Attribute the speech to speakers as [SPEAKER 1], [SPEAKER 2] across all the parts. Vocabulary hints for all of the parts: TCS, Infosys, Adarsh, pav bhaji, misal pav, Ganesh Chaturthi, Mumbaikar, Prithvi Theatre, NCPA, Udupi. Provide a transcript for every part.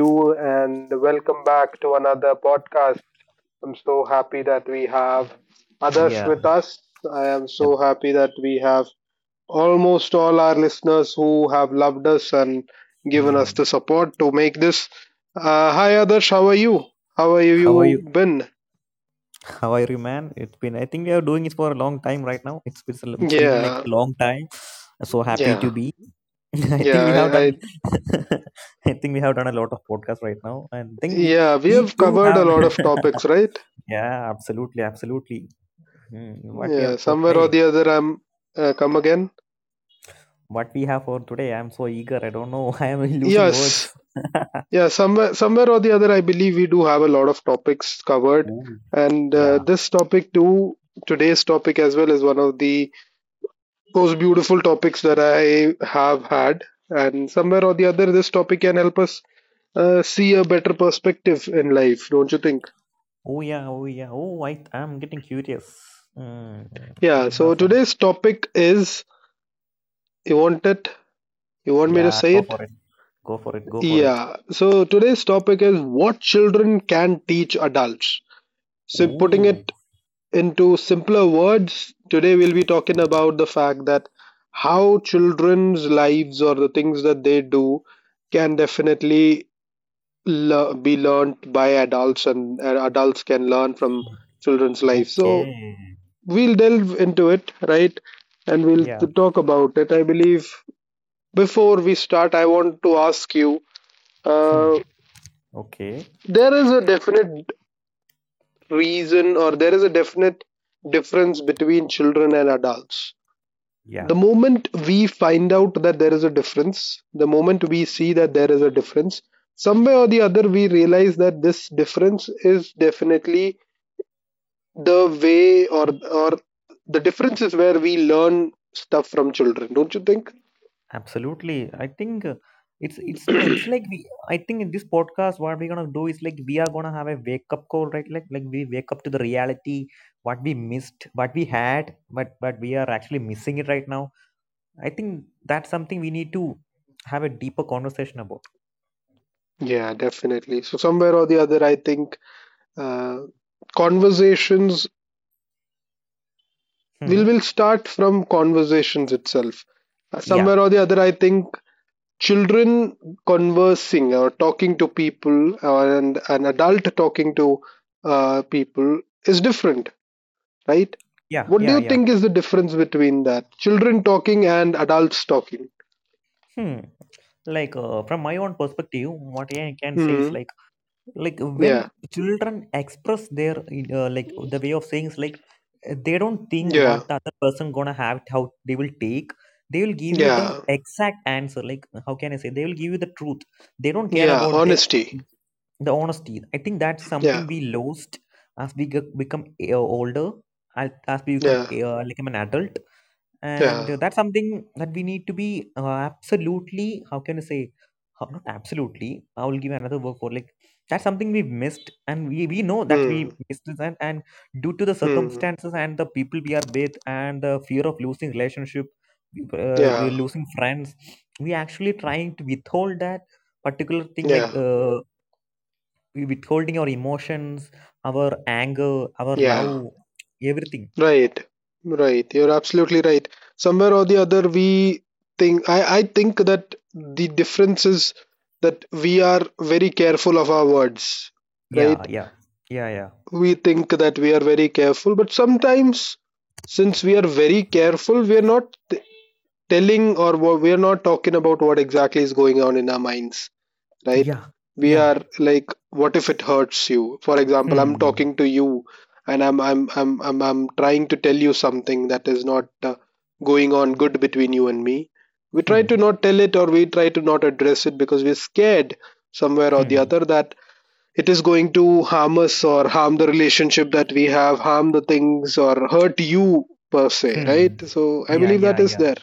[SPEAKER 1] you? And welcome back to another podcast. I'm so happy that we have others
[SPEAKER 2] Yeah.
[SPEAKER 1] with us. I am so
[SPEAKER 2] hel-
[SPEAKER 1] happy that we have almost all our listeners who have loved us and given us
[SPEAKER 2] Hmm.
[SPEAKER 1] the support to make this. Hi, Adarsh, how are you? How are
[SPEAKER 2] How are
[SPEAKER 1] you
[SPEAKER 2] you?
[SPEAKER 1] been?
[SPEAKER 2] How are you, man? It's been. I think we are doing it for a long time right now. It's been like
[SPEAKER 1] Yeah,
[SPEAKER 2] a long time. So happy
[SPEAKER 1] yeah,
[SPEAKER 2] to be. I
[SPEAKER 1] yeah.
[SPEAKER 2] think we have done. I think we have done a lot of podcasts right now, and I think we
[SPEAKER 1] Yeah, we
[SPEAKER 2] we
[SPEAKER 1] have
[SPEAKER 2] too
[SPEAKER 1] covered a
[SPEAKER 2] have.
[SPEAKER 1] lot of topics, right?
[SPEAKER 2] Yeah, absolutely, absolutely. Hmm. What we
[SPEAKER 1] Yeah,
[SPEAKER 2] have for
[SPEAKER 1] somewhere or
[SPEAKER 2] today?
[SPEAKER 1] the other, I'm come again.
[SPEAKER 2] What we have for today? I'm so eager. I don't know. I am losing
[SPEAKER 1] Yes,
[SPEAKER 2] words.
[SPEAKER 1] yeah, somewhere or the other, I believe we do have a lot of topics covered,
[SPEAKER 2] Ooh,
[SPEAKER 1] and
[SPEAKER 2] yeah.
[SPEAKER 1] this topic too, today's topic as well is one of the most beautiful topics that I have had, and somewhere or the other, this topic can help us see a better perspective in life, don't you think?
[SPEAKER 2] Oh yeah. Oh yeah. Oh, I'm getting curious. Hmm. Do
[SPEAKER 1] Yeah.
[SPEAKER 2] you have
[SPEAKER 1] So
[SPEAKER 2] some?
[SPEAKER 1] today's topic is, you want it? You want me to
[SPEAKER 2] Yeah,
[SPEAKER 1] say
[SPEAKER 2] go
[SPEAKER 1] it?
[SPEAKER 2] for it. Go for it. Go for it.
[SPEAKER 1] Yeah. So today's topic is what children can teach adults. So putting
[SPEAKER 2] Ooh,
[SPEAKER 1] it into simpler words, today we'll be talking about the fact that how children's lives or the things that they do can definitely be learned by adults, and adults can learn from children's lives. So
[SPEAKER 2] okay.
[SPEAKER 1] we'll delve into it, right? And we'll
[SPEAKER 2] Yeah.
[SPEAKER 1] talk about it. I believe before we start, I want to ask you,
[SPEAKER 2] Hmm.
[SPEAKER 1] uh,
[SPEAKER 2] Okay.
[SPEAKER 1] there is a definite reason or there is a definite difference between children and adults.
[SPEAKER 2] Yeah.
[SPEAKER 1] The moment we find out that there is a difference, the moment we see that there is a difference, somewhere or the other we realize that this difference is definitely the way, or the difference is where we learn stuff from children, don't you think?
[SPEAKER 2] Absolutely. I think it's, no, It's like we. I think in this podcast, what we're gonna do is like we are gonna have a wake up call, right? Like we wake up to the reality, what we missed, what we had, but we are actually missing it right now. I think that's something we need to have a deeper conversation about.
[SPEAKER 1] Yeah, definitely. So somewhere or the other, I think uh, conversations will
[SPEAKER 2] Hmm.
[SPEAKER 1] will start from conversations itself. Uh,
[SPEAKER 2] Yeah.
[SPEAKER 1] Somewhere or the other, I think children conversing or talking to people, or and an adult talking to people is different, right?
[SPEAKER 2] Yeah.
[SPEAKER 1] What do
[SPEAKER 2] Yeah.
[SPEAKER 1] you
[SPEAKER 2] Yeah.
[SPEAKER 1] think is the difference between that children talking and adults talking?
[SPEAKER 2] Hmm. Like from my own perspective, what I can say is
[SPEAKER 1] Hmm.
[SPEAKER 2] like when
[SPEAKER 1] Yeah,
[SPEAKER 2] children express their like the way of saying is like they don't think
[SPEAKER 1] yeah,
[SPEAKER 2] what the other person gonna have it, how they will take. They will give you the
[SPEAKER 1] yeah,
[SPEAKER 2] exact answer. Like, how can I say? They will give you the truth. They don't care
[SPEAKER 1] yeah.
[SPEAKER 2] about their
[SPEAKER 1] Honesty.
[SPEAKER 2] the honesty. I think that's
[SPEAKER 1] Yeah,
[SPEAKER 2] something we lost as we become older, as we become
[SPEAKER 1] yeah,
[SPEAKER 2] like I'm an adult, and
[SPEAKER 1] yeah.
[SPEAKER 2] that's something that we need to be absolutely, how can I say, how, not absolutely, I will give another word for, like, that's something we've missed, and we know that
[SPEAKER 1] Hmm.
[SPEAKER 2] we missed this, and due to the
[SPEAKER 1] Hmm.
[SPEAKER 2] circumstances and the people we are with and the fear of losing relationship,
[SPEAKER 1] Yeah,
[SPEAKER 2] losing friends, we actually trying to withhold that particular thing, like
[SPEAKER 1] yeah,
[SPEAKER 2] we withholding our emotions, our anger, our love,
[SPEAKER 1] yeah.
[SPEAKER 2] everything.
[SPEAKER 1] Right, right. You're absolutely right. Somewhere or the other, we think, I think that the difference is that we are very careful of our words,
[SPEAKER 2] Yeah,
[SPEAKER 1] right?
[SPEAKER 2] yeah, yeah,
[SPEAKER 1] We think that we are very careful, but sometimes, since we are very careful, we are not we are not talking about what exactly is going on in our minds, right?
[SPEAKER 2] yeah,
[SPEAKER 1] We
[SPEAKER 2] yeah.
[SPEAKER 1] are like, what if it hurts you? For example, I'm
[SPEAKER 2] Hmm.
[SPEAKER 1] talking to you, and I'm trying to tell you something that is not going on good between you and me. We try
[SPEAKER 2] Hmm.
[SPEAKER 1] to not tell it, or we try to not address it, because we're scared somewhere or the
[SPEAKER 2] Hmm.
[SPEAKER 1] other that it is going to harm us, or harm the relationship that we have, harm the things, or hurt you per se, right?
[SPEAKER 2] Hmm.
[SPEAKER 1] So I
[SPEAKER 2] Yeah.
[SPEAKER 1] believe
[SPEAKER 2] Yeah.
[SPEAKER 1] that is
[SPEAKER 2] Yeah.
[SPEAKER 1] there.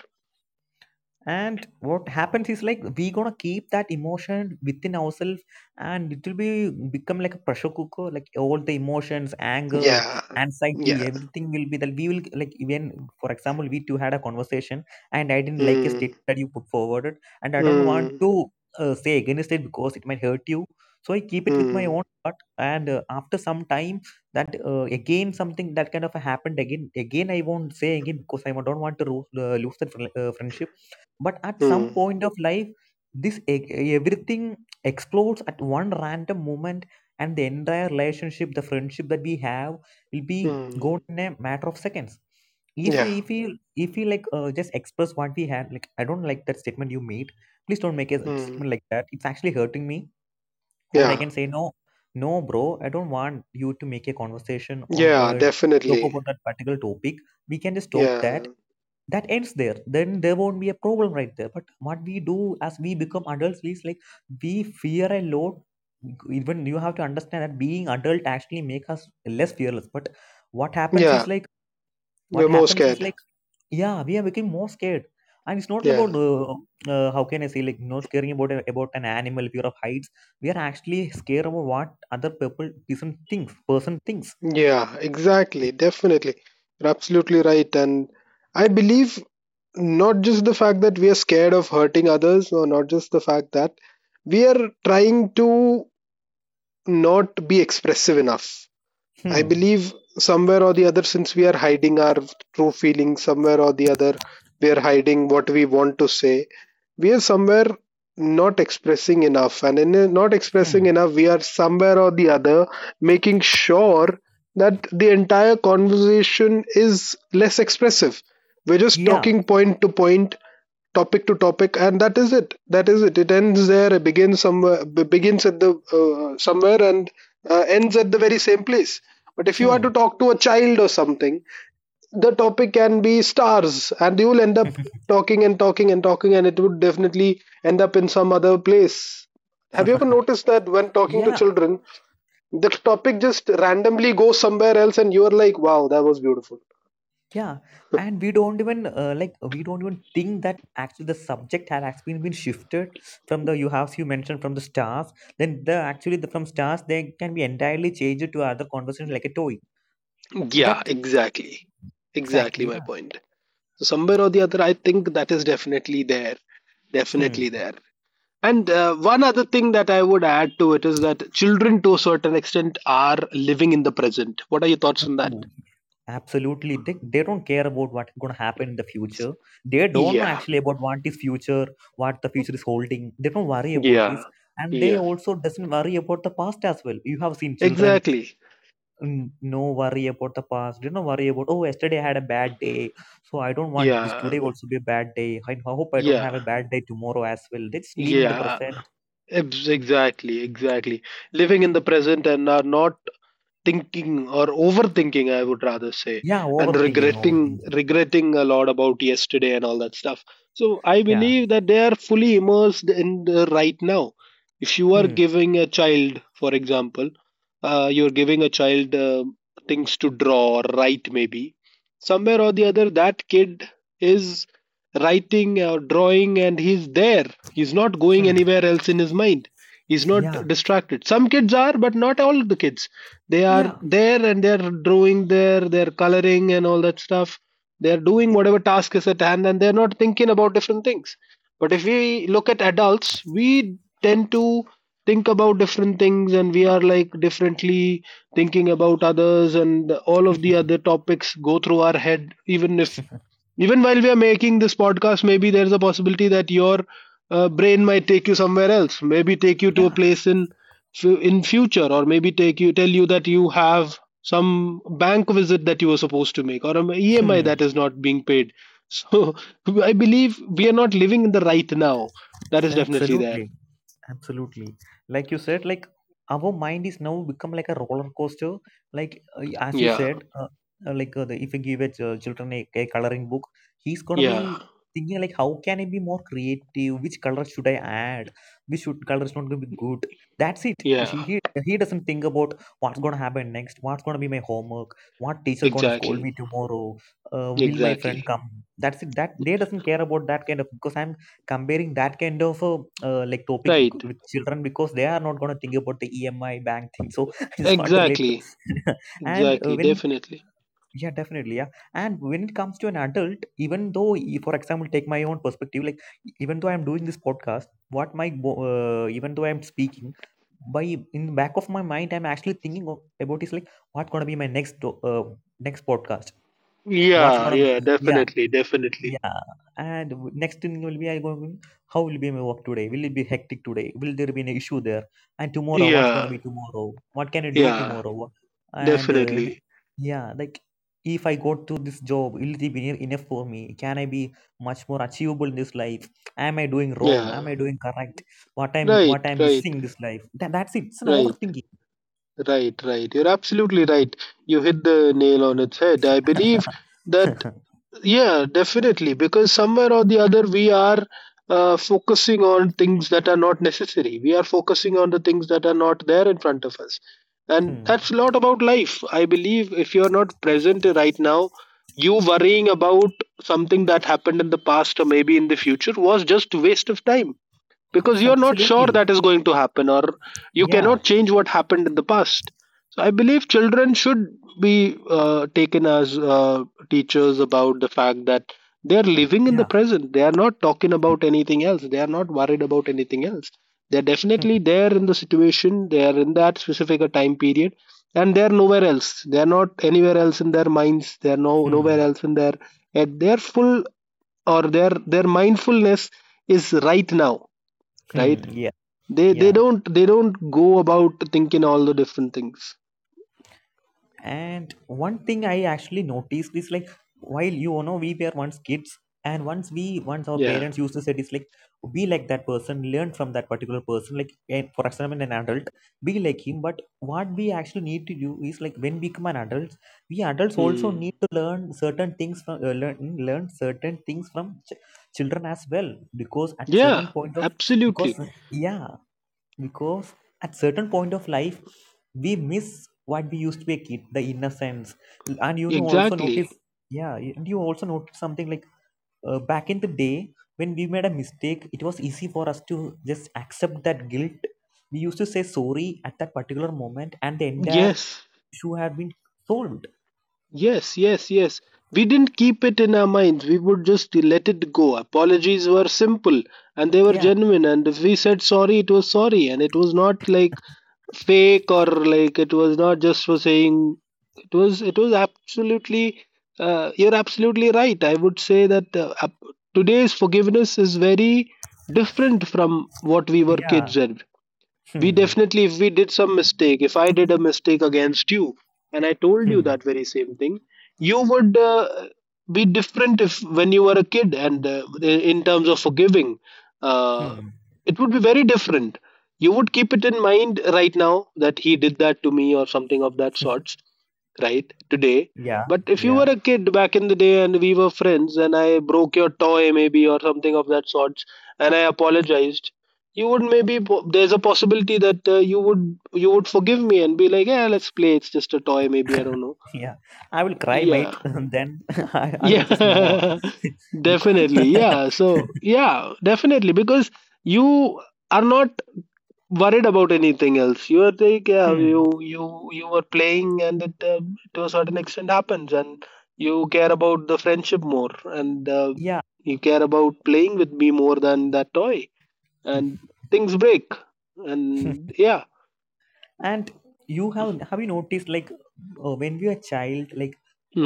[SPEAKER 2] And what happens is like we gonna keep that emotion within ourselves, and it will be become like a pressure cooker. Like, all the emotions, anger,
[SPEAKER 1] Yeah.
[SPEAKER 2] anxiety,
[SPEAKER 1] Yeah.
[SPEAKER 2] everything will be, that we will, like, even for example, we two had a conversation and I didn't like a
[SPEAKER 1] Mm,
[SPEAKER 2] statement that you put forward, and I don't want
[SPEAKER 1] mm,
[SPEAKER 2] to say against it because it might hurt you. So I keep it with my
[SPEAKER 1] mm,
[SPEAKER 2] own heart, and after some time that again something that kind of happened again, I won't say again because I don't want to lose that friendship. But at some
[SPEAKER 1] mm.
[SPEAKER 2] point of life, this everything explodes at one random moment, and the entire relationship, the friendship that we have, will be gone
[SPEAKER 1] Mm.
[SPEAKER 2] in a matter of seconds if
[SPEAKER 1] Yeah.
[SPEAKER 2] we like just express what we had, like, I don't like that statement you made, please don't make a
[SPEAKER 1] Mm.
[SPEAKER 2] statement like that, it's actually hurting me. Or I
[SPEAKER 1] Yeah.
[SPEAKER 2] can say, no, no, bro, I don't want you to make a conversation or
[SPEAKER 1] Yeah,
[SPEAKER 2] talk
[SPEAKER 1] definitely.
[SPEAKER 2] about that particular topic. We can just stop that.
[SPEAKER 1] Yeah.
[SPEAKER 2] That ends there. Then there won't be a problem right there. But what we do as we become adults is like we fear a lot. Even you have to understand that being adult actually make us less fearless. But what happens
[SPEAKER 1] Yeah.
[SPEAKER 2] is like
[SPEAKER 1] We're
[SPEAKER 2] what
[SPEAKER 1] more
[SPEAKER 2] happens is
[SPEAKER 1] scared.
[SPEAKER 2] like yeah, we are becoming more scared. And it's not
[SPEAKER 1] Yeah.
[SPEAKER 2] about how can I say, like, not scaring about about an animal, fear of heights. We are actually scared about what other people person thinks person thinks.
[SPEAKER 1] Yeah, exactly. Definitely. You're absolutely right. And I believe not just the fact that we are scared of hurting others, or not just the fact that we are trying to not be expressive enough. I
[SPEAKER 2] Hmm.
[SPEAKER 1] believe somewhere or the other, since we are hiding our true feelings, somewhere or the other we are hiding what we want to say, we are somewhere not expressing enough, and in not expressing
[SPEAKER 2] Hmm.
[SPEAKER 1] enough we are somewhere or the other making sure that the entire conversation is less expressive. We're just
[SPEAKER 2] Yeah.
[SPEAKER 1] talking point to point, topic to topic, and that is it. That is it. It ends there. It begins somewhere, begins at the somewhere, and ends at the very same place. But if you are
[SPEAKER 2] Hmm.
[SPEAKER 1] to talk to a child or something, the topic can be stars, and you'll end up talking and talking and talking, and it would definitely end up in some other place. Have you ever noticed that when talking to
[SPEAKER 2] Yeah,
[SPEAKER 1] children, the topic just randomly goes somewhere else, and you're like, wow, that was beautiful?
[SPEAKER 2] yeah. And we don't even like we don't even think that actually the subject has actually been shifted from the, you have, you mentioned from the stars, then the actually the from stars, they can be entirely changed to other conversation, like a toy
[SPEAKER 1] Yeah,
[SPEAKER 2] that,
[SPEAKER 1] exactly, exactly
[SPEAKER 2] exactly,
[SPEAKER 1] my
[SPEAKER 2] yeah.
[SPEAKER 1] point. So somewhere or the other, I think that is definitely there, definitely there. And one other thing that I would add to it is that children to a certain extent are living in the present. What are your thoughts on that?
[SPEAKER 2] Hmm. Absolutely. They don't care about what's going to happen in the future. They don't know
[SPEAKER 1] Yeah.
[SPEAKER 2] actually about what is future, what the future is holding. They don't worry about
[SPEAKER 1] Yeah,
[SPEAKER 2] this. And they
[SPEAKER 1] yeah,
[SPEAKER 2] also doesn't worry about the past as well. You have seen children,
[SPEAKER 1] exactly.
[SPEAKER 2] no worry about the past. They don't worry about, oh, yesterday I had a bad day. So I don't want this
[SPEAKER 1] Yeah,
[SPEAKER 2] today also be a bad day. I hope I don't have
[SPEAKER 1] yeah,
[SPEAKER 2] a bad day tomorrow as well. They just live in the
[SPEAKER 1] yeah.
[SPEAKER 2] present.
[SPEAKER 1] Exactly, exactly. Living in the present, and are not thinking or overthinking, I would rather say,
[SPEAKER 2] Yeah,
[SPEAKER 1] and
[SPEAKER 2] overthinking,
[SPEAKER 1] regretting,
[SPEAKER 2] overthinking.
[SPEAKER 1] regretting a lot about yesterday and all that stuff. So I
[SPEAKER 2] Yeah.
[SPEAKER 1] believe that they are fully immersed in the right now. If you are
[SPEAKER 2] Hmm.
[SPEAKER 1] giving a child, for example, you're giving a child things to draw or write, maybe somewhere or the other that kid is writing or drawing, and he's there, he's not going
[SPEAKER 2] Hmm.
[SPEAKER 1] anywhere else in his mind, he's not
[SPEAKER 2] Yeah.
[SPEAKER 1] distracted. Some kids are, but not all the kids. They are
[SPEAKER 2] Yeah.
[SPEAKER 1] there, and they're drawing there, they're coloring and all that stuff, they're doing whatever task is at hand, and they're not thinking about different things. But if we look at adults, we tend to think about different things, and we are like differently thinking about others, and all of the other topics go through our head even if, even while we are making this podcast, maybe there's a possibility that your brain might take you somewhere else, maybe take you to a
[SPEAKER 2] Yeah.
[SPEAKER 1] place in future, or maybe take you, tell you that you have some bank visit that you were supposed to make, or an emi that
[SPEAKER 2] Hmm.
[SPEAKER 1] is not being paid. So I believe we are not living in the right now. That is definitely there.
[SPEAKER 2] Absolutely. Absolutely. Like you said, like our mind is now become like a roller coaster. Like as you
[SPEAKER 1] Yeah,
[SPEAKER 2] said, like the, if you give children a coloring book, he's gonna
[SPEAKER 1] yeah,
[SPEAKER 2] be thinking like, how can I be more creative? Which color should I add? Which should color is not gonna be good. That's it.
[SPEAKER 1] yeah,
[SPEAKER 2] She, he doesn't think about what's gonna happen next. What's gonna be my homework? What teacher gonna scold
[SPEAKER 1] exactly,
[SPEAKER 2] me tomorrow? Will my friend
[SPEAKER 1] exactly,
[SPEAKER 2] come? That's it. That they doesn't care about that kind of, because I'm comparing that kind of a like topic
[SPEAKER 1] right,
[SPEAKER 2] with children, because they are not going to think about the EMI bank thing. So I just want to relate.
[SPEAKER 1] exactly,
[SPEAKER 2] And
[SPEAKER 1] exactly,
[SPEAKER 2] when
[SPEAKER 1] definitely,
[SPEAKER 2] yeah, definitely, yeah. And when it comes to an adult, even though for example, take my own perspective, like even though I'm doing this podcast, what my even though I'm speaking. By In the back of my mind, I'm actually thinking about is like what's gonna be my next podcast. What's
[SPEAKER 1] yeah,
[SPEAKER 2] gonna,
[SPEAKER 1] yeah,
[SPEAKER 2] yeah,
[SPEAKER 1] definitely, definitely,
[SPEAKER 2] yeah, and next thing will be I going. To, how will be my work today? Will it be hectic today? Will there be an issue there? And tomorrow, what's gonna
[SPEAKER 1] yeah,
[SPEAKER 2] be tomorrow? What can I do
[SPEAKER 1] yeah,
[SPEAKER 2] tomorrow? And uh, w-
[SPEAKER 1] definitely,
[SPEAKER 2] yeah, like if I go to this job, will it be near enough for me? Can I be much more achievable in this life? Am I doing wrong? Am I
[SPEAKER 1] yeah,
[SPEAKER 2] doing correct? What I'm what
[SPEAKER 1] right,
[SPEAKER 2] I'm
[SPEAKER 1] right,
[SPEAKER 2] missing in this life? That's it. It's an
[SPEAKER 1] right.
[SPEAKER 2] overthinking.
[SPEAKER 1] Right, right. You're absolutely right. You hit the nail on its head. I believe that, yeah, definitely, because somewhere or the other, we are focusing on things that are not necessary. We are focusing on the things that are not there in front of us. And that's
[SPEAKER 2] Hmm.
[SPEAKER 1] a lot about life. I believe if you're not present right now, you worrying about something that happened in the past, or maybe in the future, was just a waste of time, because
[SPEAKER 2] Abs-
[SPEAKER 1] you're not sure
[SPEAKER 2] Absolutely.
[SPEAKER 1] that is going to happen, or you
[SPEAKER 2] Yeah.
[SPEAKER 1] cannot change what happened in the past. So I believe children should be taken as teachers about the fact that they are living in the
[SPEAKER 2] Yeah.
[SPEAKER 1] present. They are not talking about anything else, they are not worried about anything else, they're
[SPEAKER 2] Hmm.
[SPEAKER 1] definitely there in the situation they are in, that specific time period, and they're nowhere else, they're not anywhere else in their minds, they're no nowhere
[SPEAKER 2] Hmm.
[SPEAKER 1] else in their, at their full, or their mindfulness is right now, right?
[SPEAKER 2] Hmm. Yeah.
[SPEAKER 1] they they
[SPEAKER 2] Yeah.
[SPEAKER 1] don't they don't go about thinking all the different things.
[SPEAKER 2] And one thing I actually noticed is like, while you know we were once kids and once our
[SPEAKER 1] Yeah.
[SPEAKER 2] parents used to say it's like be like that person, learn from that particular person, like for example an adult, be like him. But what we actually need to do is like when we become an adult, we adults also need
[SPEAKER 1] Hmm.
[SPEAKER 2] to learn certain things from learn, learn certain things from children as well, because at certain
[SPEAKER 1] Yeah.
[SPEAKER 2] point of because
[SPEAKER 1] Absolutely.
[SPEAKER 2] yeah, because at certain point of life we miss what we used to be a kid, the innocence. And you know, also
[SPEAKER 1] Exactly.
[SPEAKER 2] notice, yeah. And you also notice something like back in the day when we made a mistake, it was easy for us to just accept that guilt. We used to say sorry at that particular moment and the entire
[SPEAKER 1] Yes.
[SPEAKER 2] issue had been solved.
[SPEAKER 1] Yes. Yes. Yes. We didn't keep it in our minds. We would just let it go. Apologies were simple, and they were
[SPEAKER 2] Yeah,
[SPEAKER 1] genuine. And if we said sorry, it was sorry. And it was not like fake, or like, it was not just for saying, it was, it was absolutely, you're absolutely right. I would say that today's forgiveness is very different from what we were
[SPEAKER 2] yeah.
[SPEAKER 1] kids at. We
[SPEAKER 2] Hmm.
[SPEAKER 1] definitely, if we did some mistake, if I did a mistake against you, and I told you
[SPEAKER 2] Hmm.
[SPEAKER 1] that very same thing, you would be different if, when you were a kid, and in terms of forgiving, uh,
[SPEAKER 2] Hmm.
[SPEAKER 1] it would be very different. You would keep it in mind right now, that he did that to me, or something of that sorts, right, today.
[SPEAKER 2] Yeah,
[SPEAKER 1] But if you
[SPEAKER 2] yeah.
[SPEAKER 1] were a kid back in the day, and we were friends, and I broke your toy maybe, or something of that sorts, and I apologized, you would maybe, there's a possibility that you would, you would forgive me and be like, yeah, let's play, it's just a toy, maybe, I don't know.
[SPEAKER 2] Yeah, I will cry,
[SPEAKER 1] Yeah,
[SPEAKER 2] mate. Then I will just move on
[SPEAKER 1] yeah.
[SPEAKER 2] because
[SPEAKER 1] Definitely. Yeah. So yeah, definitely, because you are not worried about anything else. You are like, yeah,
[SPEAKER 2] Hmm.
[SPEAKER 1] you were playing, and it to a certain extent happens, and you care about the friendship more, and
[SPEAKER 2] Yeah.
[SPEAKER 1] you care about playing with me more than that toy, and things break, and yeah.
[SPEAKER 2] And you have you noticed like when we were a child, like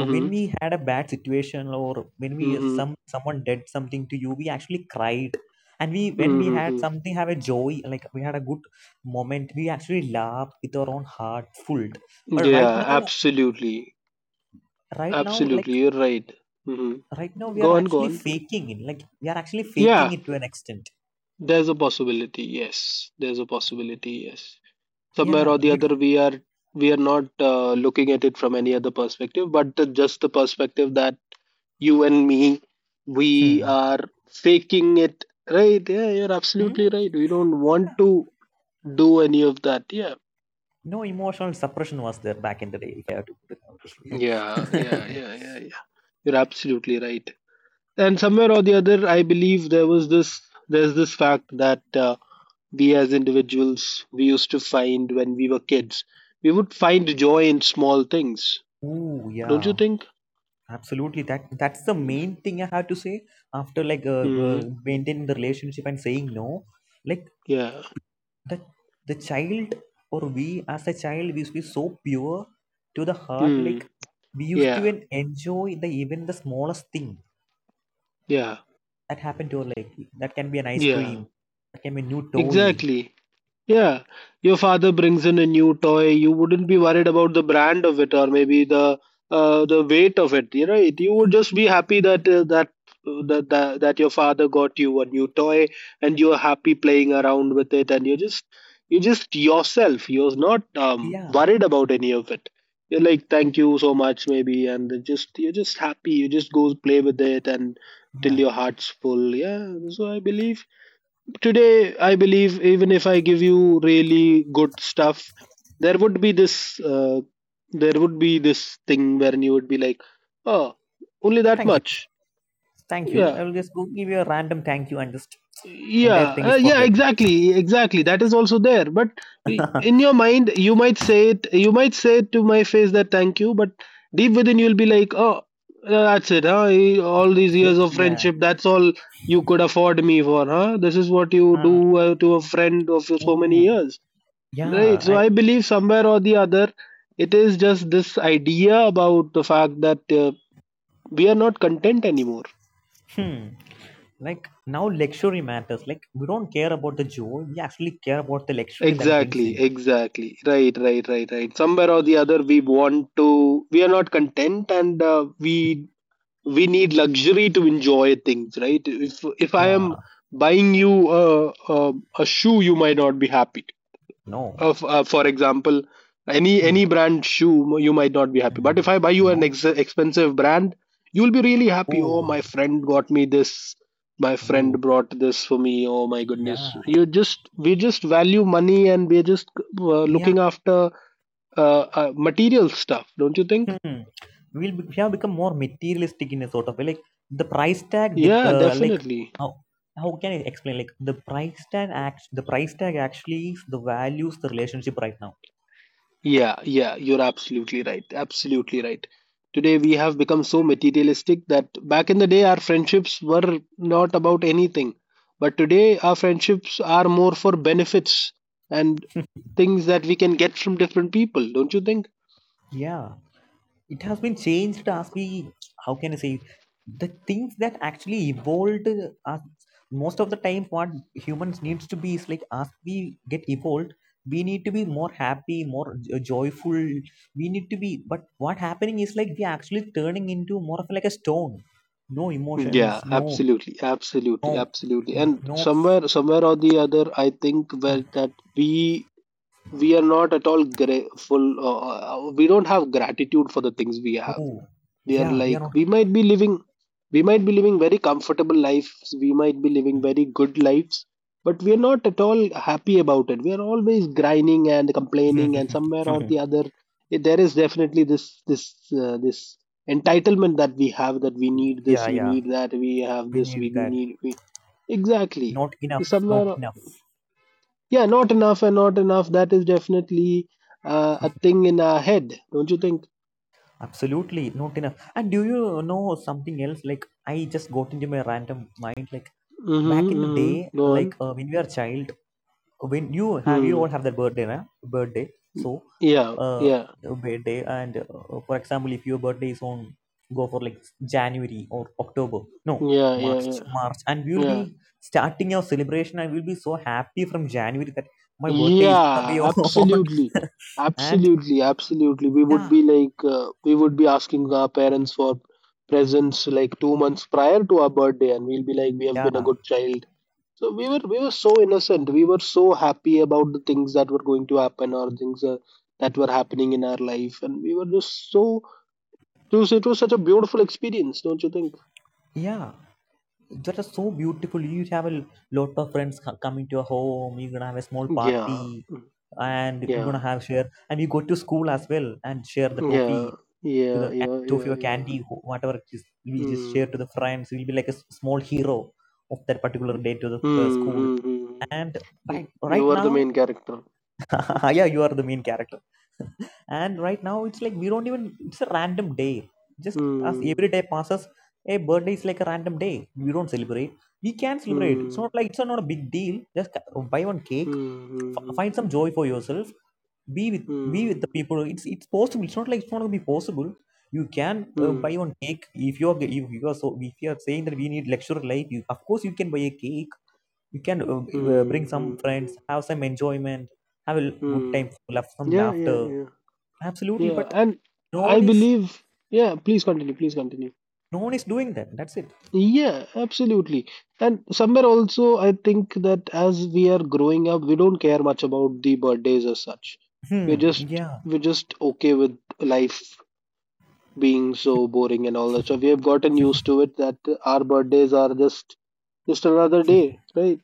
[SPEAKER 2] when we had a bad situation or when we
[SPEAKER 1] Mm-hmm.
[SPEAKER 2] someone did something to you, we actually cried. And we when we had
[SPEAKER 1] Mm-hmm.
[SPEAKER 2] something have a joy, like we had a good moment, we actually laugh with our own heart full. But
[SPEAKER 1] Yeah, absolutely.
[SPEAKER 2] right now,
[SPEAKER 1] Absolutely.
[SPEAKER 2] like
[SPEAKER 1] You're right.
[SPEAKER 2] right now,
[SPEAKER 1] Mm-hmm.
[SPEAKER 2] we are
[SPEAKER 1] Go on, go
[SPEAKER 2] actually
[SPEAKER 1] on.
[SPEAKER 2] faking it. Like we are actually
[SPEAKER 1] Yeah,
[SPEAKER 2] faking it to an extent.
[SPEAKER 1] there's a possibility. Yes, there's a possibility. Yes. Somewhere
[SPEAKER 2] Yeah.
[SPEAKER 1] or the
[SPEAKER 2] We.
[SPEAKER 1] other, we are not looking at it from any other perspective, but the, just the perspective that you and me, we
[SPEAKER 2] Hmm.
[SPEAKER 1] are faking it. Right. Yeah, you're
[SPEAKER 2] Hmm?
[SPEAKER 1] absolutely right. We don't want to do any of that. Yeah.
[SPEAKER 2] No emotional suppression was there back in the day, if I have to put it that
[SPEAKER 1] Yeah. Yeah.
[SPEAKER 2] way.
[SPEAKER 1] Yeah. Yeah. Yeah. You're absolutely right. And somewhere or the other, I believe there's this fact that we as individuals, we used to find when we were kids we would find joy in small things,
[SPEAKER 2] Ooh,
[SPEAKER 1] don't
[SPEAKER 2] yeah,
[SPEAKER 1] you think?
[SPEAKER 2] absolutely. That's the main thing I have to say after like
[SPEAKER 1] Hmm.
[SPEAKER 2] maintaining the relationship and saying no. Like
[SPEAKER 1] Yeah.
[SPEAKER 2] the the child, or we as a child, we used to be so pure to the heart. Like
[SPEAKER 1] Hmm.
[SPEAKER 2] we used to
[SPEAKER 1] Yeah,
[SPEAKER 2] even enjoy the even the smallest thing
[SPEAKER 1] yeah,
[SPEAKER 2] that happened to our life. That can be an ice
[SPEAKER 1] yeah,
[SPEAKER 2] cream. That can be a new toy.
[SPEAKER 1] exactly. Yeah, your father brings in a new toy. You wouldn't be worried about the brand of it or maybe the weight of it. You know, you would just be happy that your father got you a new toy, and you're happy playing around with it, and you're just yourself, you're not
[SPEAKER 2] Yeah,
[SPEAKER 1] worried about any of it. You're like, thank you so much maybe, and it just you're just happy, you just go play with it and
[SPEAKER 2] yeah.
[SPEAKER 1] till your heart's full. Yeah, so I believe today, I believe even if I give you really good stuff, there would be this thing wherein you would be like, oh, only that
[SPEAKER 2] Thank you.
[SPEAKER 1] much.
[SPEAKER 2] Thank you.
[SPEAKER 1] Yeah,
[SPEAKER 2] I will just go give you a random thank you and just entire
[SPEAKER 1] yeah,
[SPEAKER 2] thing is
[SPEAKER 1] yeah.
[SPEAKER 2] forgotten.
[SPEAKER 1] Exactly, exactly. That is also there. But in your mind, you might say it. You might say it to my face that thank you, but deep within you'll be like, oh, that's it. Huh? All these
[SPEAKER 2] Is
[SPEAKER 1] years
[SPEAKER 2] it?
[SPEAKER 1] of
[SPEAKER 2] Yeah.
[SPEAKER 1] friendship, that's all you could afford me for, huh? This is what you
[SPEAKER 2] Ah.
[SPEAKER 1] do to a friend of so many
[SPEAKER 2] Ooh.
[SPEAKER 1] years.
[SPEAKER 2] Yeah,
[SPEAKER 1] Right. So
[SPEAKER 2] I
[SPEAKER 1] I believe somewhere or the other, it is just this idea about the fact that we are not content anymore.
[SPEAKER 2] hmm. Like now luxury matters. Like we don't care about the joy, we actually care about the luxury that brings
[SPEAKER 1] Exactly.
[SPEAKER 2] in.
[SPEAKER 1] Exactly. Right. Right. Right. Right. Somewhere or the other, we want to. We are not content, and we need luxury to enjoy things. Right. If I am
[SPEAKER 2] Yeah.
[SPEAKER 1] buying you a shoe, you might not be happy.
[SPEAKER 2] No.
[SPEAKER 1] Of for example, any
[SPEAKER 2] Hmm.
[SPEAKER 1] any brand shoe, you might not be happy,
[SPEAKER 2] Hmm.
[SPEAKER 1] but if I buy you an
[SPEAKER 2] No.
[SPEAKER 1] expensive brand, you'll be really happy. Oh, my
[SPEAKER 2] Oh.
[SPEAKER 1] friend got me this, my
[SPEAKER 2] Oh.
[SPEAKER 1] friend brought this for me, oh my goodness.
[SPEAKER 2] Yeah.
[SPEAKER 1] You just We just value money, and we're just
[SPEAKER 2] Yeah.
[SPEAKER 1] looking after material stuff, don't you think?
[SPEAKER 2] Hmm. We have become more materialistic in a sort of way. Like the price tag, dip,
[SPEAKER 1] Yeah,
[SPEAKER 2] like
[SPEAKER 1] definitely.
[SPEAKER 2] how how can I explain? Like the price tag act, the price tag actually is the values the relationship right now.
[SPEAKER 1] Yeah, yeah, you're absolutely right. Absolutely right. Today we have become so materialistic that back in the day our friendships were not about anything. But today our friendships are more for benefits and things that we can get from different people, don't you think?
[SPEAKER 2] Yeah. It has been changed as we, how can I say, the things that actually evolved as most of the time what humans needs to be is like as we get evolved we need to be more happy, more joyful we need to be. But what happening is like we actually turning into more of like a stone. No
[SPEAKER 1] Yeah,
[SPEAKER 2] emotions. No.
[SPEAKER 1] absolutely, absolutely,
[SPEAKER 2] No.
[SPEAKER 1] absolutely. And
[SPEAKER 2] No.
[SPEAKER 1] somewhere, somewhere or the other, I think where that we are not at all grateful. We don't have gratitude for the things we have.
[SPEAKER 2] Oh
[SPEAKER 1] They are
[SPEAKER 2] yeah, we
[SPEAKER 1] like,
[SPEAKER 2] are
[SPEAKER 1] we might be living, very comfortable lives, we might be living very good lives, but we are not at all happy about it. We are always grinding and
[SPEAKER 2] not.
[SPEAKER 1] complaining, and somewhere or the other, there is definitely this this entitlement that we have, that we need
[SPEAKER 2] Yeah,
[SPEAKER 1] this, we
[SPEAKER 2] yeah,
[SPEAKER 1] need that, we have
[SPEAKER 2] we
[SPEAKER 1] this, we
[SPEAKER 2] need
[SPEAKER 1] do
[SPEAKER 2] that.
[SPEAKER 1] need, we exactly
[SPEAKER 2] Not enough. Not
[SPEAKER 1] somewhere,
[SPEAKER 2] enough.
[SPEAKER 1] yeah, not enough and not enough. That is definitely a thing in our head, don't you think?
[SPEAKER 2] Absolutely not enough. And do you know something else? Like I just got into my random mind. Like back in
[SPEAKER 1] Mm-hmm,
[SPEAKER 2] the
[SPEAKER 1] mm-hmm.
[SPEAKER 2] day,
[SPEAKER 1] Go on.
[SPEAKER 2] like when we are child, when you have, you all
[SPEAKER 1] Hmm.
[SPEAKER 2] have that birthday, right? Birthday.
[SPEAKER 1] Yeah,
[SPEAKER 2] So,
[SPEAKER 1] yeah,
[SPEAKER 2] uh,
[SPEAKER 1] yeah,
[SPEAKER 2] birthday, and for example, if your birthday is on, go for like January or October, no
[SPEAKER 1] yeah,
[SPEAKER 2] March,
[SPEAKER 1] yeah,
[SPEAKER 2] March, and we will
[SPEAKER 1] yeah,
[SPEAKER 2] be starting our celebration, and we'll be so happy from January that my birthday is gonna be
[SPEAKER 1] yeah,
[SPEAKER 2] on,
[SPEAKER 1] absolutely,
[SPEAKER 2] and
[SPEAKER 1] absolutely, absolutely. We would
[SPEAKER 2] yeah,
[SPEAKER 1] be like, we would be asking our parents for presents like 2 months prior to our birthday, and we'll be like, we have been a
[SPEAKER 2] yeah,
[SPEAKER 1] good child. So we were so innocent. We were so happy about the things that were going to happen or things that were happening in our life, and we were just so. It was such a beautiful experience, don't you think?
[SPEAKER 2] yeah. That is so beautiful. You have a lot of friends coming to your home. You're gonna have a small
[SPEAKER 1] Yeah,
[SPEAKER 2] party
[SPEAKER 1] mm,
[SPEAKER 2] and you're gonna
[SPEAKER 1] yeah.
[SPEAKER 2] have share, and you go to school as well and share the
[SPEAKER 1] Yeah,
[SPEAKER 2] toffee to the
[SPEAKER 1] yeah, yeah,
[SPEAKER 2] toffee
[SPEAKER 1] yeah,
[SPEAKER 2] or
[SPEAKER 1] yeah.
[SPEAKER 2] candy whatever it is. We just share to
[SPEAKER 1] Mm,
[SPEAKER 2] the friends. You'll be like a small hero of that particular day to the
[SPEAKER 1] mm,
[SPEAKER 2] school.
[SPEAKER 1] mm, mm.
[SPEAKER 2] And right, right
[SPEAKER 1] You are the
[SPEAKER 2] now
[SPEAKER 1] main character.
[SPEAKER 2] yeah, you are the main character. And right now, it's like we don't even, it's a random day. Just as
[SPEAKER 1] Mm,
[SPEAKER 2] every day passes, a birthday is like a random day. We don't celebrate. We can celebrate. It's not
[SPEAKER 1] mm,
[SPEAKER 2] like, it's not a big deal. Just buy one
[SPEAKER 1] mm,
[SPEAKER 2] cake,
[SPEAKER 1] mm,
[SPEAKER 2] find some joy for yourself. Be with,
[SPEAKER 1] mm,
[SPEAKER 2] be with the
[SPEAKER 1] mm,
[SPEAKER 2] people. It's possible. It's not like it's not gonna be possible. You can buy
[SPEAKER 1] mm,
[SPEAKER 2] one cake if you are, if you are so, if you are saying that we need lecture life. You, of course you can buy a cake. You can
[SPEAKER 1] mm,
[SPEAKER 2] bring some
[SPEAKER 1] mm,
[SPEAKER 2] friends,
[SPEAKER 1] mm,
[SPEAKER 2] have some enjoyment, have a good time
[SPEAKER 1] mm.
[SPEAKER 2] full of some
[SPEAKER 1] Yeah, yeah,
[SPEAKER 2] laughter.
[SPEAKER 1] yeah.
[SPEAKER 2] Absolutely.
[SPEAKER 1] Yeah,
[SPEAKER 2] But
[SPEAKER 1] and
[SPEAKER 2] no one
[SPEAKER 1] I
[SPEAKER 2] is,
[SPEAKER 1] believe, yeah, please continue, please continue.
[SPEAKER 2] no one is doing that. That's it.
[SPEAKER 1] Yeah, absolutely. And somewhere also, I think that as we are growing up, we don't care much about the birthdays as such. We're just
[SPEAKER 2] Hmm. Yeah.
[SPEAKER 1] we're just okay with life being so boring and all that. So we have gotten used to it that our birthdays are just another day, right?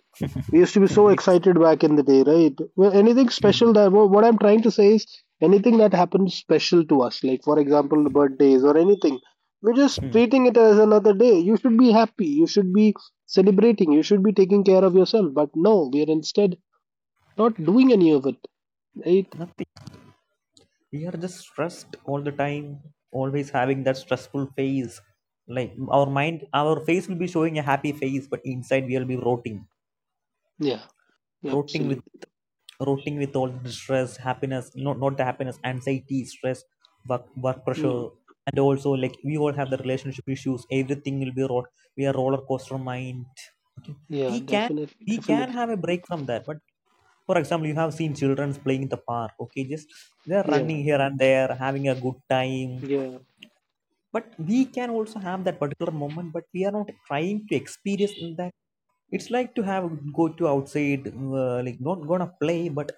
[SPEAKER 1] We used to be so
[SPEAKER 2] hmm, it's
[SPEAKER 1] excited back in the day, right? Well, anything special
[SPEAKER 2] hmm,
[SPEAKER 1] that what I'm trying to say is, anything that happens special to us, like for example, the birthdays or anything, we're just
[SPEAKER 2] hmm,
[SPEAKER 1] treating it as another day. You should be happy. You should be celebrating. You should be taking care of yourself. But no, we are instead not doing any of it, right?
[SPEAKER 2] nothing. We are just stressed all the time, always having that stressful phase. Like our mind, our face will be showing a happy face, but inside we will be rotting,
[SPEAKER 1] Yeah,
[SPEAKER 2] rotting with
[SPEAKER 1] absolutely.
[SPEAKER 2] rotting with all the stress, happiness, not, not the happiness, anxiety, stress, work, work
[SPEAKER 1] Yeah,
[SPEAKER 2] pressure. And also, like, we all have the relationship issues. Everything will be rot. We are roller coaster mind. Okay.
[SPEAKER 1] yeah,
[SPEAKER 2] We can
[SPEAKER 1] definitely,
[SPEAKER 2] we can
[SPEAKER 1] definitely.
[SPEAKER 2] have a break from that. But for example, you have seen children playing in the park. Okay, just they're
[SPEAKER 1] Yeah,
[SPEAKER 2] running here and there, having a good time.
[SPEAKER 1] yeah.
[SPEAKER 2] But we can also have that particular moment. But we are not trying to experience in that. It's like to have go to outside, like not gonna play, but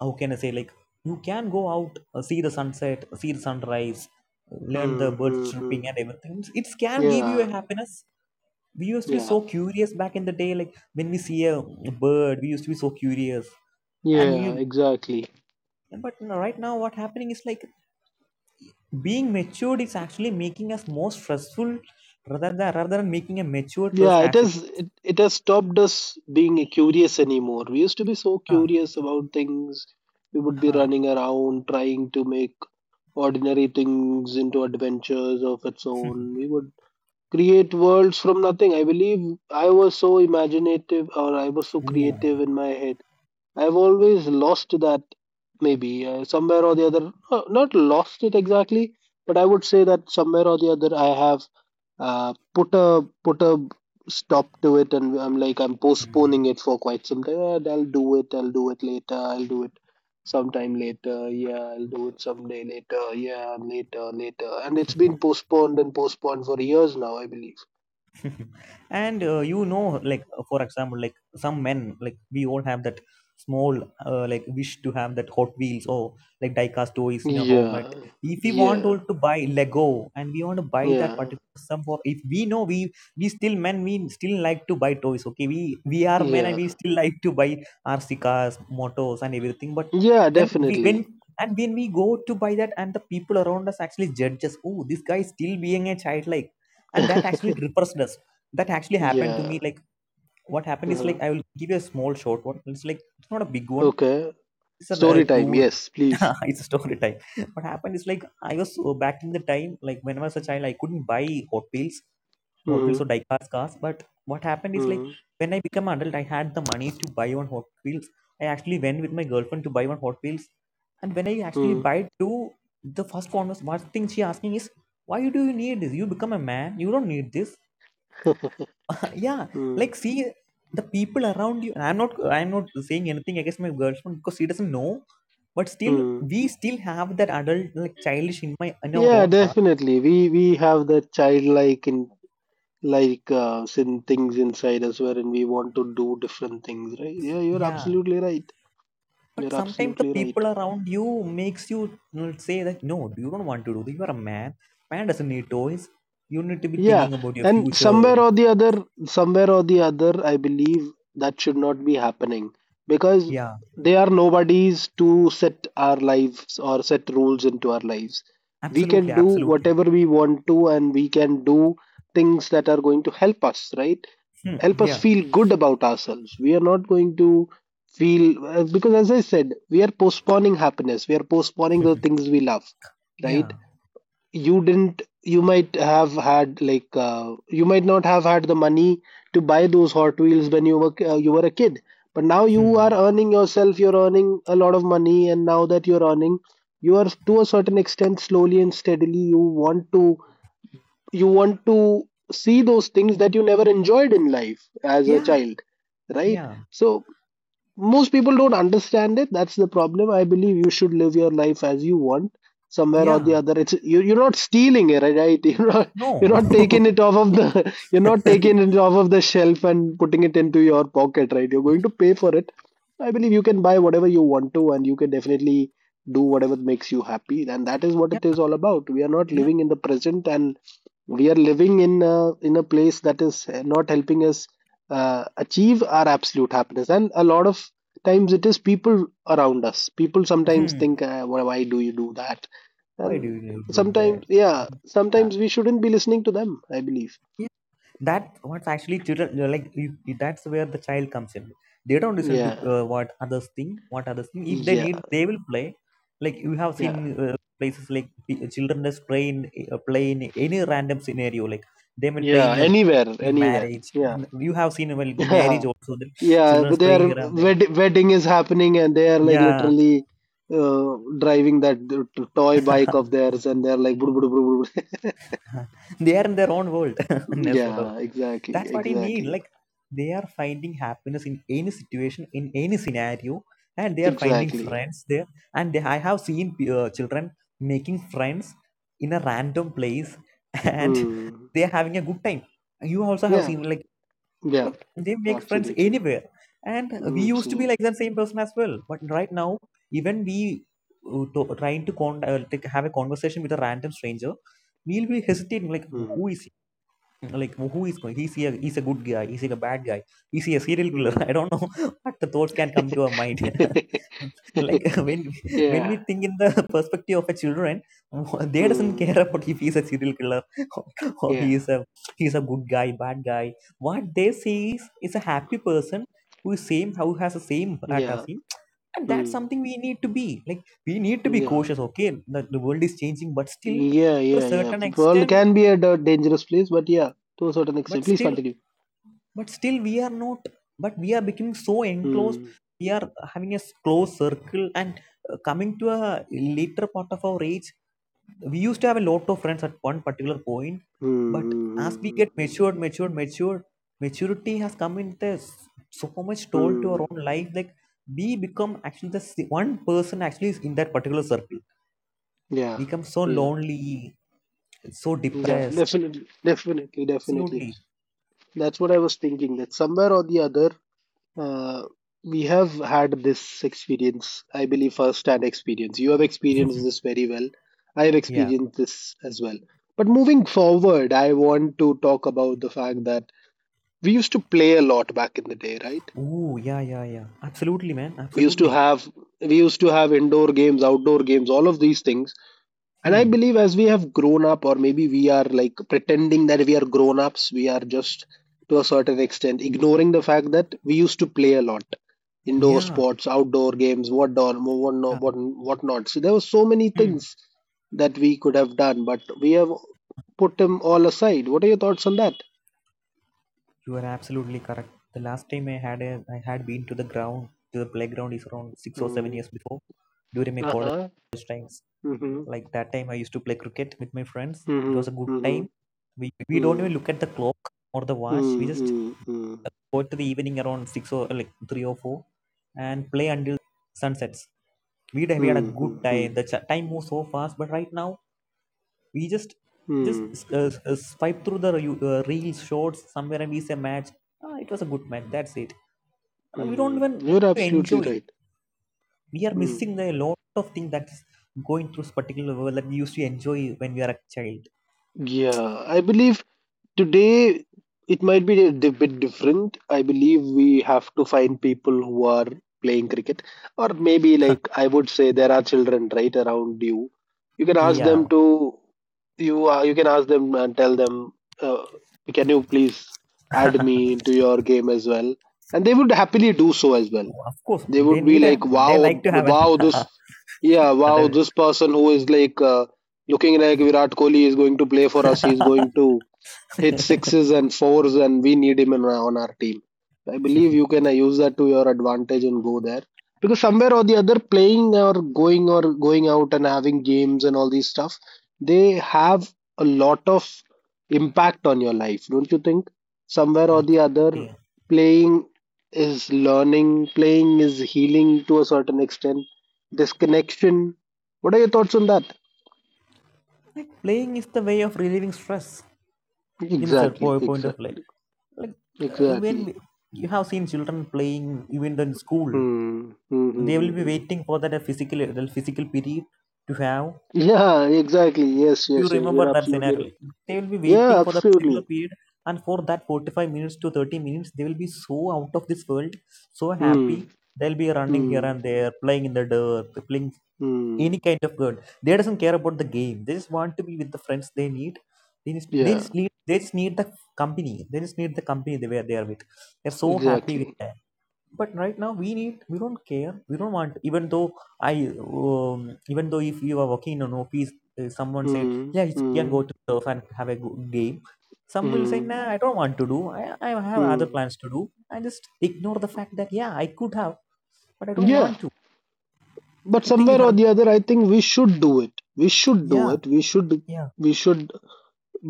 [SPEAKER 2] how can I say, like you can go out, see the sunset, see the sunrise, learn the
[SPEAKER 1] Hmm,
[SPEAKER 2] birds
[SPEAKER 1] hmm, hmm.
[SPEAKER 2] chirping and everything. It can give you a
[SPEAKER 1] Yeah,
[SPEAKER 2] happiness. We used to be
[SPEAKER 1] yeah,
[SPEAKER 2] so curious back in the day, like when we see a bird, we used to be so curious, and
[SPEAKER 1] yeah,
[SPEAKER 2] we.
[SPEAKER 1] exactly.
[SPEAKER 2] But right now, what happening is like being matured is actually making us more stressful rather than, rather than making a matured
[SPEAKER 1] Yeah,
[SPEAKER 2] person
[SPEAKER 1] it
[SPEAKER 2] as it.
[SPEAKER 1] has it, it has stopped us being curious anymore. We used to be so
[SPEAKER 2] Huh.
[SPEAKER 1] curious about things. We would be
[SPEAKER 2] Huh.
[SPEAKER 1] running around trying to make ordinary things into adventures of its own. We would create worlds from nothing. I believe I was so imaginative, or I was so creative in my head. I've always lost that maybe somewhere or the other. Not lost it exactly, but I would say that somewhere or the other I have put a stop to it, and I'm postponing it for quite some time. "Ah, I'll do it. I'll do it later. I'll do it sometime later. Yeah, I'll do it someday later. Yeah, later, later." And it's been postponed and postponed for years now, I believe.
[SPEAKER 2] And you know, like for example, like some men, like we all have that small like wish to have that Hot Wheels or like diecast toys in your home. And
[SPEAKER 1] Yeah,
[SPEAKER 2] if we want
[SPEAKER 1] yeah,
[SPEAKER 2] all to buy Lego, and we want to buy that
[SPEAKER 1] yeah,
[SPEAKER 2] particular sum for, if we know we still men, we still like to buy toys. Okay, we are men and
[SPEAKER 1] yeah,
[SPEAKER 2] we still like to buy RC cars, motors and everything. But
[SPEAKER 1] yeah.
[SPEAKER 2] when we when,
[SPEAKER 1] Definitely.
[SPEAKER 2] and when we go to buy that, and the people around us actually judge us, oh this guy is still being a child like, and that actually depressed us. That actually happened to me.
[SPEAKER 1] Yeah.
[SPEAKER 2] Like what happened is
[SPEAKER 1] Uh-huh.
[SPEAKER 2] like I will give you a small short one. It's like it's not a big one.
[SPEAKER 1] Okay.
[SPEAKER 2] It's a
[SPEAKER 1] Story time.
[SPEAKER 2] two
[SPEAKER 1] Yes, please.
[SPEAKER 2] it's a story time. What happened is like I was back in the time, like when I was a child, I couldn't buy Hot Wheels, Hot Wheels
[SPEAKER 1] Mm-hmm.
[SPEAKER 2] or diecast cars. But what happened is like
[SPEAKER 1] Mm-hmm.
[SPEAKER 2] when I became adult, I had the money to buy one Hot Wheels. I actually went with my girlfriend to buy one Hot Wheels, and when I actually
[SPEAKER 1] Mm-hmm.
[SPEAKER 2] buy two, the first converse one thing she asking is why do you need this? You become a man, you don't need this. Yeah,
[SPEAKER 1] Mm-hmm.
[SPEAKER 2] like see the people around you. I'm not saying anything against my girlfriend because she doesn't know. But still
[SPEAKER 1] Mm.
[SPEAKER 2] we still have that adult, like childish in my, in our
[SPEAKER 1] Yeah,
[SPEAKER 2] own heart.
[SPEAKER 1] definitely. We have that childlike in like sin things inside us wherein we want to do different things, right? Yeah, you're
[SPEAKER 2] Yeah,
[SPEAKER 1] absolutely right.
[SPEAKER 2] but
[SPEAKER 1] You're
[SPEAKER 2] sometimes the
[SPEAKER 1] absolutely right.
[SPEAKER 2] people around you makes you, you know, say that no, you don't want to do this. You are a man. Man doesn't need toys. You need to be
[SPEAKER 1] Yeah,
[SPEAKER 2] thinking about your
[SPEAKER 1] and
[SPEAKER 2] future.
[SPEAKER 1] somewhere or the other, somewhere or the other, I believe that should not be happening, because
[SPEAKER 2] Yeah,
[SPEAKER 1] they are nobodies to set our lives or set rules into our lives. We
[SPEAKER 2] absolutely,
[SPEAKER 1] can do
[SPEAKER 2] absolutely.
[SPEAKER 1] whatever we want to, and we can do things that are going to help us, right?
[SPEAKER 2] Hmm.
[SPEAKER 1] Help us
[SPEAKER 2] Yeah,
[SPEAKER 1] feel good about ourselves. We are not going to feel because, as I said, we are postponing happiness, we are postponing the things we love, right?
[SPEAKER 2] yeah.
[SPEAKER 1] you didn't you might have had, like, you might not have had the money to buy those Hot Wheels when you were a kid, but now you
[SPEAKER 2] Hmm.
[SPEAKER 1] are earning yourself, you're earning a lot of money, and now that you're earning, you are, to a certain extent, slowly and steadily, you want to see those things that you never enjoyed in life as a
[SPEAKER 2] Yeah,
[SPEAKER 1] child, right?
[SPEAKER 2] yeah,
[SPEAKER 1] So most people don't understand it. That's the problem. I believe you should live your life as you want. Somewhere or the
[SPEAKER 2] yeah.
[SPEAKER 1] other, it's you, you're not stealing it, right? you're not
[SPEAKER 2] No.
[SPEAKER 1] you're not taking it off of the you're not taking it off of the shelf and putting it into your pocket, right? You're going to pay for it. I believe you can buy whatever you want to, and you can definitely do whatever makes you happy, and that is what it is
[SPEAKER 2] Yeah,
[SPEAKER 1] all about. We are not
[SPEAKER 2] yeah.
[SPEAKER 1] living in the present, and we are living in a place that is not helping us achieve our absolute happiness, and a lot of times it is people around us. People sometimes
[SPEAKER 2] Hmm.
[SPEAKER 1] think, why do you do that?
[SPEAKER 2] Why do
[SPEAKER 1] And
[SPEAKER 2] you include
[SPEAKER 1] sometimes,
[SPEAKER 2] that?
[SPEAKER 1] yeah,
[SPEAKER 2] Yeah.
[SPEAKER 1] sometimes we shouldn't be listening to them, I believe.
[SPEAKER 2] Yeah, that what's actually children, like that's where the child comes in. They don't listen to
[SPEAKER 1] Yeah,
[SPEAKER 2] what others think, what others think. If they
[SPEAKER 1] yeah,
[SPEAKER 2] need, they will play. Like you have seen
[SPEAKER 1] yeah,
[SPEAKER 2] places like children just play in play in any random scenario. Like they will play
[SPEAKER 1] yeah, anywhere,
[SPEAKER 2] in a
[SPEAKER 1] anywhere.
[SPEAKER 2] marriage.
[SPEAKER 1] Yeah.
[SPEAKER 2] And you have seen well marriage
[SPEAKER 1] Yeah,
[SPEAKER 2] also. The
[SPEAKER 1] yeah,
[SPEAKER 2] children
[SPEAKER 1] their
[SPEAKER 2] playing around them.
[SPEAKER 1] wedding is happening, and they are like
[SPEAKER 2] Yeah,
[SPEAKER 1] literally uh, driving that toy bike of theirs, and they're like
[SPEAKER 2] they are in their own world. In a sort of,
[SPEAKER 1] Yeah, exactly,
[SPEAKER 2] that's what you need.
[SPEAKER 1] exactly,
[SPEAKER 2] Like they are finding happiness in any situation, in any scenario, and they are finding
[SPEAKER 1] exactly.
[SPEAKER 2] friends there. And they, I have seen children making friends in a random place. And
[SPEAKER 1] Hmm.
[SPEAKER 2] they are having a good time. You also have
[SPEAKER 1] Yeah,
[SPEAKER 2] seen like
[SPEAKER 1] yeah,
[SPEAKER 2] like they make friends
[SPEAKER 1] absolutely.
[SPEAKER 2] anywhere. And we used to be
[SPEAKER 1] Absolutely.
[SPEAKER 2] like the same person as well. But right now even we trying to like, have a conversation with a random stranger, we'll be hesitating, like
[SPEAKER 1] Hmm.
[SPEAKER 2] who is like who is going. He's a good guy. He's a bad guy. He's a serial killer.
[SPEAKER 1] Hmm.
[SPEAKER 2] I don't know. What the thoughts can come to our mind. Like when when we
[SPEAKER 1] Yeah.
[SPEAKER 2] think in the perspective of a children, they doesn't
[SPEAKER 1] Hmm.
[SPEAKER 2] care about if he's a serial killer or or he
[SPEAKER 1] Yeah.
[SPEAKER 2] is a, he's a good guy, bad guy. What they see is a happy person who is same, who has the same heart as
[SPEAKER 1] Yeah.
[SPEAKER 2] him. And that's
[SPEAKER 1] Hmm.
[SPEAKER 2] something we need to be, like we need to be
[SPEAKER 1] Yeah.
[SPEAKER 2] cautious. Okay, the world is changing but still
[SPEAKER 1] Yeah,
[SPEAKER 2] to
[SPEAKER 1] yeah,
[SPEAKER 2] a
[SPEAKER 1] yeah.
[SPEAKER 2] certain
[SPEAKER 1] World
[SPEAKER 2] extent,
[SPEAKER 1] can be a dangerous place, but yeah, to a certain
[SPEAKER 2] but
[SPEAKER 1] extent. Please
[SPEAKER 2] still,
[SPEAKER 1] continue.
[SPEAKER 2] but still we are not, but we are becoming so enclosed.
[SPEAKER 1] Hmm.
[SPEAKER 2] We are having a close circle, and coming to a later part of our age, we used to have a lot of friends at one particular point.
[SPEAKER 1] Hmm.
[SPEAKER 2] But
[SPEAKER 1] Hmm.
[SPEAKER 2] as we
[SPEAKER 1] Hmm.
[SPEAKER 2] get
[SPEAKER 1] Hmm.
[SPEAKER 2] matured, matured, maturity has come in this so much toll to
[SPEAKER 1] Hmm.
[SPEAKER 2] our
[SPEAKER 1] Hmm.
[SPEAKER 2] own life, like we become actually the one person actually is in that particular circle.
[SPEAKER 1] Yeah.
[SPEAKER 2] We become so
[SPEAKER 1] Yeah.
[SPEAKER 2] lonely, so
[SPEAKER 1] Yeah.
[SPEAKER 2] depressed.
[SPEAKER 1] Definitely. Definitely. Definitely.
[SPEAKER 2] Absolutely.
[SPEAKER 1] That's what I was thinking, that somewhere or the other, uh, we have had this experience, I believe, first hand experience. You have experienced this very well. I have
[SPEAKER 2] Yeah.
[SPEAKER 1] experienced this as well. But moving forward, I want to talk about the fact that we used to play a lot back in the day, right?
[SPEAKER 2] Oh yeah, yeah, yeah. Absolutely man,
[SPEAKER 1] We used to
[SPEAKER 2] absolutely.
[SPEAKER 1] have we used to have indoor games, outdoor games, all of these things. And I
[SPEAKER 2] Hmm.
[SPEAKER 1] believe as we have grown up, or maybe we are like pretending that we are grown ups, we are just, to a certain extent, ignoring the fact that we used to play a lot, indoor
[SPEAKER 2] Yeah,
[SPEAKER 1] sports, outdoor games, what don, what no,
[SPEAKER 2] yeah.
[SPEAKER 1] what not. So there were so many
[SPEAKER 2] Hmm.
[SPEAKER 1] things that we could have done, but we have put them all aside. What are your thoughts on that?
[SPEAKER 2] You are absolutely correct. The last time I had a, I had been to the ground, to the playground, is around six or seven
[SPEAKER 1] Mm.
[SPEAKER 2] years before, during my
[SPEAKER 1] Uh
[SPEAKER 2] college
[SPEAKER 1] huh.
[SPEAKER 2] times.
[SPEAKER 1] Mm-hmm.
[SPEAKER 2] Like that time I used to play cricket with my friends. It was a
[SPEAKER 1] Mm-hmm.
[SPEAKER 2] good
[SPEAKER 1] Mm-hmm.
[SPEAKER 2] time. We don't even
[SPEAKER 1] Mm.
[SPEAKER 2] look at the clock or the watch. We
[SPEAKER 1] Mm.
[SPEAKER 2] just
[SPEAKER 1] Mm. Mm.
[SPEAKER 2] go to the evening around 6, or like 3 or 4, and play until sun sets. We had a
[SPEAKER 1] Mm.
[SPEAKER 2] good time.
[SPEAKER 1] Mm.
[SPEAKER 2] The time moves so fast, but right now we just
[SPEAKER 1] Mm.
[SPEAKER 2] swipe through the reels, shorts somewhere, and we say match, ah, it was a good match, that's it. We don't even
[SPEAKER 1] Mm.
[SPEAKER 2] want
[SPEAKER 1] You're
[SPEAKER 2] to enjoy it.
[SPEAKER 1] absolutely
[SPEAKER 2] We are
[SPEAKER 1] right.
[SPEAKER 2] missing the lot of things that's going through this particular world that we used to enjoy when we are a child.
[SPEAKER 1] Yeah, I believe today it might be a bit different. I believe we have to find people who are playing cricket, or maybe, like, I would say there are children right around you. You can ask them
[SPEAKER 2] Yeah.
[SPEAKER 1] to you you can ask them and tell them, uh, can you please add me into your game as well? And they would happily do so as well.
[SPEAKER 2] Of course
[SPEAKER 1] They
[SPEAKER 2] they
[SPEAKER 1] would be
[SPEAKER 2] need a,
[SPEAKER 1] like,
[SPEAKER 2] they
[SPEAKER 1] wow,
[SPEAKER 2] like to have an
[SPEAKER 1] wow, this, yeah, wow,
[SPEAKER 2] adult.
[SPEAKER 1] this person who is like looking like Virat Kohli is going to play for us. He's going to hit sixes and fours, and we need him on our team. I believe you can use that to your advantage and go there, because somewhere or the other, playing or going out and having games and all these stuff, they have a lot of impact on your life, don't you think? Somewhere or the other,
[SPEAKER 2] Absolutely.
[SPEAKER 1] playing is learning, playing is healing to a certain extent, disconnection. What are your thoughts on that?
[SPEAKER 2] Like playing is the way of relieving stress in a certain
[SPEAKER 1] Exactly,
[SPEAKER 2] point of life.
[SPEAKER 1] exactly,
[SPEAKER 2] Like uh, when
[SPEAKER 1] exactly.
[SPEAKER 2] we, you have seen children playing. Even in school,
[SPEAKER 1] Hmm. Hmm. Hmm.
[SPEAKER 2] they
[SPEAKER 1] Hmm.
[SPEAKER 2] will be
[SPEAKER 1] Hmm.
[SPEAKER 2] waiting for that physical the physical period. To have,
[SPEAKER 1] Yeah. Exactly. Yes.
[SPEAKER 2] you
[SPEAKER 1] Yes. Yes.
[SPEAKER 2] remember
[SPEAKER 1] You're
[SPEAKER 2] that
[SPEAKER 1] absolutely
[SPEAKER 2] scenario?
[SPEAKER 1] right.
[SPEAKER 2] Like, they will be waiting
[SPEAKER 1] Yeah.
[SPEAKER 2] for the particular
[SPEAKER 1] Absolutely.
[SPEAKER 2] period, and for that 45 minutes to 30 minutes, they will be so out of this world, so happy.
[SPEAKER 1] Hmm.
[SPEAKER 2] They'll be running here
[SPEAKER 1] Hmm.
[SPEAKER 2] and there, playing in the dirt, playing any
[SPEAKER 1] Hmm.
[SPEAKER 2] kind of dirt. They doesn't care about the game. They just want to be with the friends. They just, they
[SPEAKER 1] Yeah.
[SPEAKER 2] just need they just need the company they were there with. They're so happy with
[SPEAKER 1] Exactly.
[SPEAKER 2] that. But right now, we don't care, we don't want. I Even though if you are working in an office, someone said,
[SPEAKER 1] Hmm.
[SPEAKER 2] yeah, you can
[SPEAKER 1] Hmm.
[SPEAKER 2] go to surf and have a game. Some will say,
[SPEAKER 1] Hmm.
[SPEAKER 2] nah, I don't want to do. I have other
[SPEAKER 1] Hmm.
[SPEAKER 2] plans to do. I just ignore the fact that, yeah, I could have, but I don't
[SPEAKER 1] Yeah.
[SPEAKER 2] want to.
[SPEAKER 1] But
[SPEAKER 2] I think you
[SPEAKER 1] somewhere or
[SPEAKER 2] have,
[SPEAKER 1] the other, I think we should do it. We should do
[SPEAKER 2] yeah,
[SPEAKER 1] it. We should.
[SPEAKER 2] yeah,
[SPEAKER 1] We should.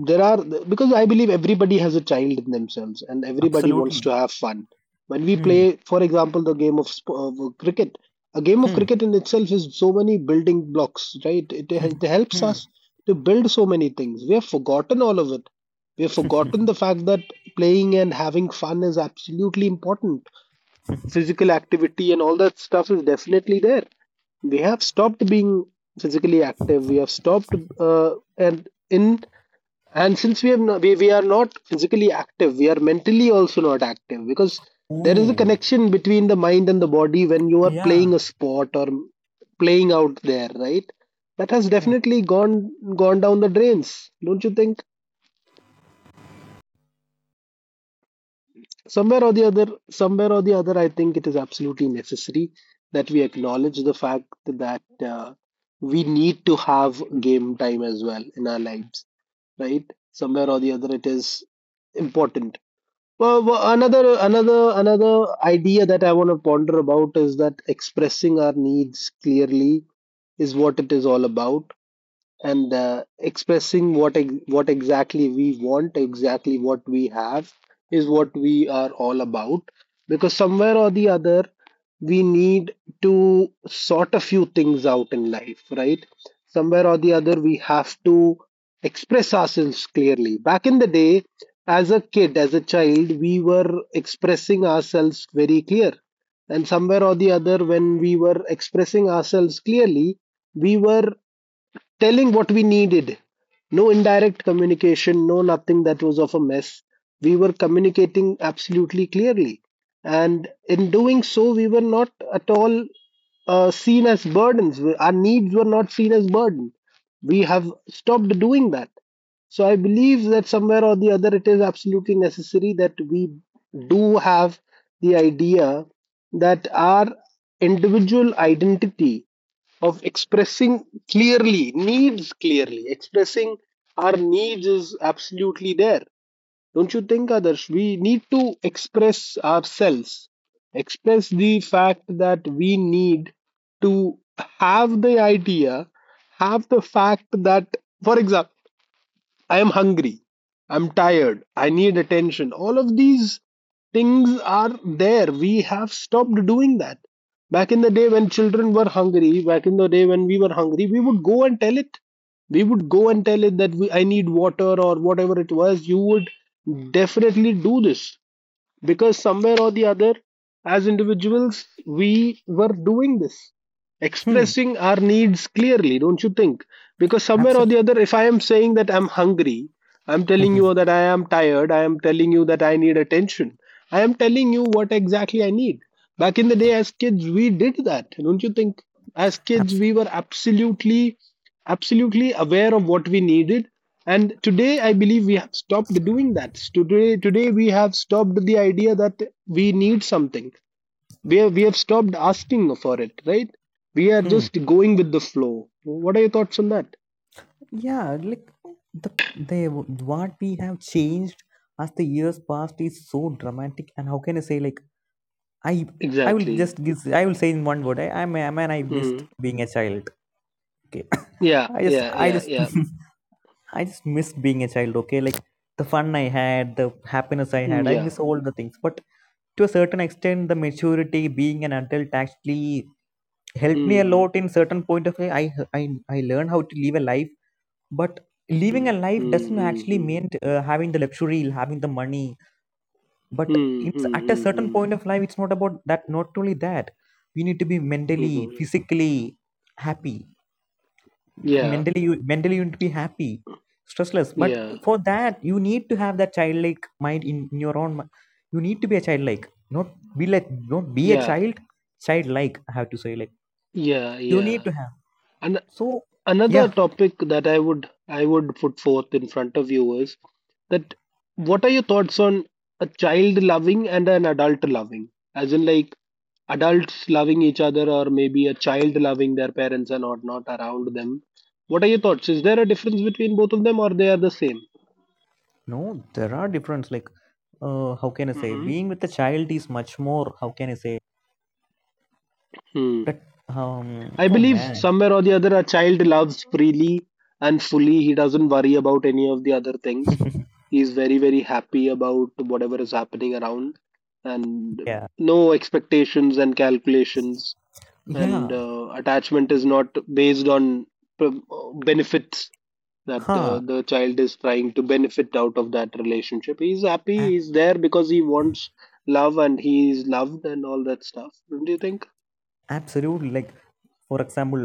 [SPEAKER 1] There are, because I believe, everybody has a child in themselves and everybody wants
[SPEAKER 2] absolutely.
[SPEAKER 1] to have fun. When we
[SPEAKER 2] Hmm.
[SPEAKER 1] play, for example, the game of cricket a game of
[SPEAKER 2] Hmm.
[SPEAKER 1] cricket in itself is so many building blocks, right? It helps
[SPEAKER 2] Hmm.
[SPEAKER 1] us to build so many things. We have forgotten all of it. We have forgotten the fact that playing and having fun is absolutely important. Physical activity and all that stuff is definitely there. We have stopped being physically active. We have stopped, and in and since we have no, we are not physically active, we are mentally also not active, because there is a
[SPEAKER 2] Ooh.
[SPEAKER 1] connection between the mind and the body when you are
[SPEAKER 2] Yeah,
[SPEAKER 1] playing a sport or playing out there, right? That has
[SPEAKER 2] yeah.
[SPEAKER 1] definitely gone down the drains, don't you think? Somewhere or the other, somewhere or the other, I think it is absolutely necessary that we acknowledge the fact that we need to have game time as well in our lives, right? Somewhere or the other, it is important. Well, another idea that I want to ponder about is that expressing our needs clearly is what it is all about, and expressing what what exactly we want, exactly what we have, is what we are all about. Because somewhere or the other, we need to sort a few things out in life, right? Somewhere or the other, we have to express ourselves clearly. Back in the day, as a kid, as a child, we were expressing ourselves very clear. And somewhere or the other, when we were expressing ourselves clearly, we were telling what we needed. No indirect communication, no nothing that was of a mess. We were communicating absolutely clearly. And in doing so, we were not at all seen as burdens. Our needs were not seen as burden. We have stopped doing that. So I believe that somewhere or the other, it is absolutely necessary that we do have the idea that our individual identity of expressing clearly needs clearly expressing our needs is absolutely there, don't you think, Adarsh? We need to express ourselves, express the fact that we need to have the idea, have the fact that, for example, I am hungry, I'm tired, I need attention. All of these things are there. We have stopped doing that. Back in the day, when children were hungry, back in the day when we were hungry, we would go and tell it. We would go and tell it that I need water, or whatever it was. You would definitely do this, because somewhere or the other, as individuals, we were doing this,
[SPEAKER 2] Hmm.
[SPEAKER 1] expressing our needs clearly, don't you think? Because somewhere or the
[SPEAKER 2] Absolutely.
[SPEAKER 1] other, if I am saying that I'm hungry, I'm telling you that I am tired, I am telling you that I need attention, I am telling you what exactly I need. Back in the day, as kids, we did that, don't you think? As kids,
[SPEAKER 2] Abs-
[SPEAKER 1] we were absolutely, absolutely aware of what we needed, and today I believe we have stopped doing that. So today, we have stopped the idea that we need something. We have stopped asking for it, right? We are
[SPEAKER 2] hmm.
[SPEAKER 1] just going with the flow. What are your thoughts on that?
[SPEAKER 2] Yeah. Like the they what we have changed as the years passed is so dramatic. And how can I say, like, I I will
[SPEAKER 1] Exactly.
[SPEAKER 2] just give, I will say in one word, I am a man. I missed
[SPEAKER 1] Mm.
[SPEAKER 2] being a child. Okay.
[SPEAKER 1] Yeah, yeah,
[SPEAKER 2] I
[SPEAKER 1] yeah,
[SPEAKER 2] just
[SPEAKER 1] yeah.
[SPEAKER 2] I just miss being a child. Okay, like the fun I had, the happiness I
[SPEAKER 1] Mm,
[SPEAKER 2] had, I miss
[SPEAKER 1] yeah.
[SPEAKER 2] all the things. But to a certain extent, the maturity being an adult actually helped me a
[SPEAKER 1] Mm.
[SPEAKER 2] lot. In certain point of way, i, I learned how to live a life. But living a life doesn't actually
[SPEAKER 1] Mm-hmm.
[SPEAKER 2] mean having the luxury, having the money. But it's, at a certain
[SPEAKER 1] Mm-hmm.
[SPEAKER 2] point of life, it's not about that, not only that. We need to be mentally,
[SPEAKER 1] Mm-hmm.
[SPEAKER 2] physically happy.
[SPEAKER 1] Yeah,
[SPEAKER 2] Mentally you need to be happy, stressless. But
[SPEAKER 1] yeah,
[SPEAKER 2] for that, you need to have that childlike mind in your own you need to be a childlike. Not be, like, not be a
[SPEAKER 1] yeah,
[SPEAKER 2] child, childlike, I have to say. Like,
[SPEAKER 1] yeah,
[SPEAKER 2] you
[SPEAKER 1] yeah.
[SPEAKER 2] need to have,
[SPEAKER 1] And
[SPEAKER 2] so,
[SPEAKER 1] another
[SPEAKER 2] yeah.
[SPEAKER 1] topic that I would put forth in front of you is, that what are your thoughts on a child loving and an adult loving, as in like adults loving each other, or maybe a child loving their parents and or not around them? What are your thoughts? Is there a difference between both of them, or they are the same?
[SPEAKER 2] No, there are difference. Like how can I say,
[SPEAKER 1] Mm-hmm.
[SPEAKER 2] being with a child is much more, how can I say
[SPEAKER 1] Hmm.
[SPEAKER 2] that, um,
[SPEAKER 1] I
[SPEAKER 2] oh
[SPEAKER 1] believe
[SPEAKER 2] man,
[SPEAKER 1] somewhere or the other, a child loves freely and fully. He doesn't worry about any of the other things. He is very, very happy about whatever is happening around, and
[SPEAKER 2] yeah,
[SPEAKER 1] no expectations and calculations. And
[SPEAKER 2] yeah,
[SPEAKER 1] attachment is not based on p- benefits that
[SPEAKER 2] huh.
[SPEAKER 1] the child is trying to benefit out of that relationship. He's
[SPEAKER 2] a-
[SPEAKER 1] happy, he's there because he wants love and he is loved and all that stuff. Don't you think?
[SPEAKER 2] Absolutely. Like for example,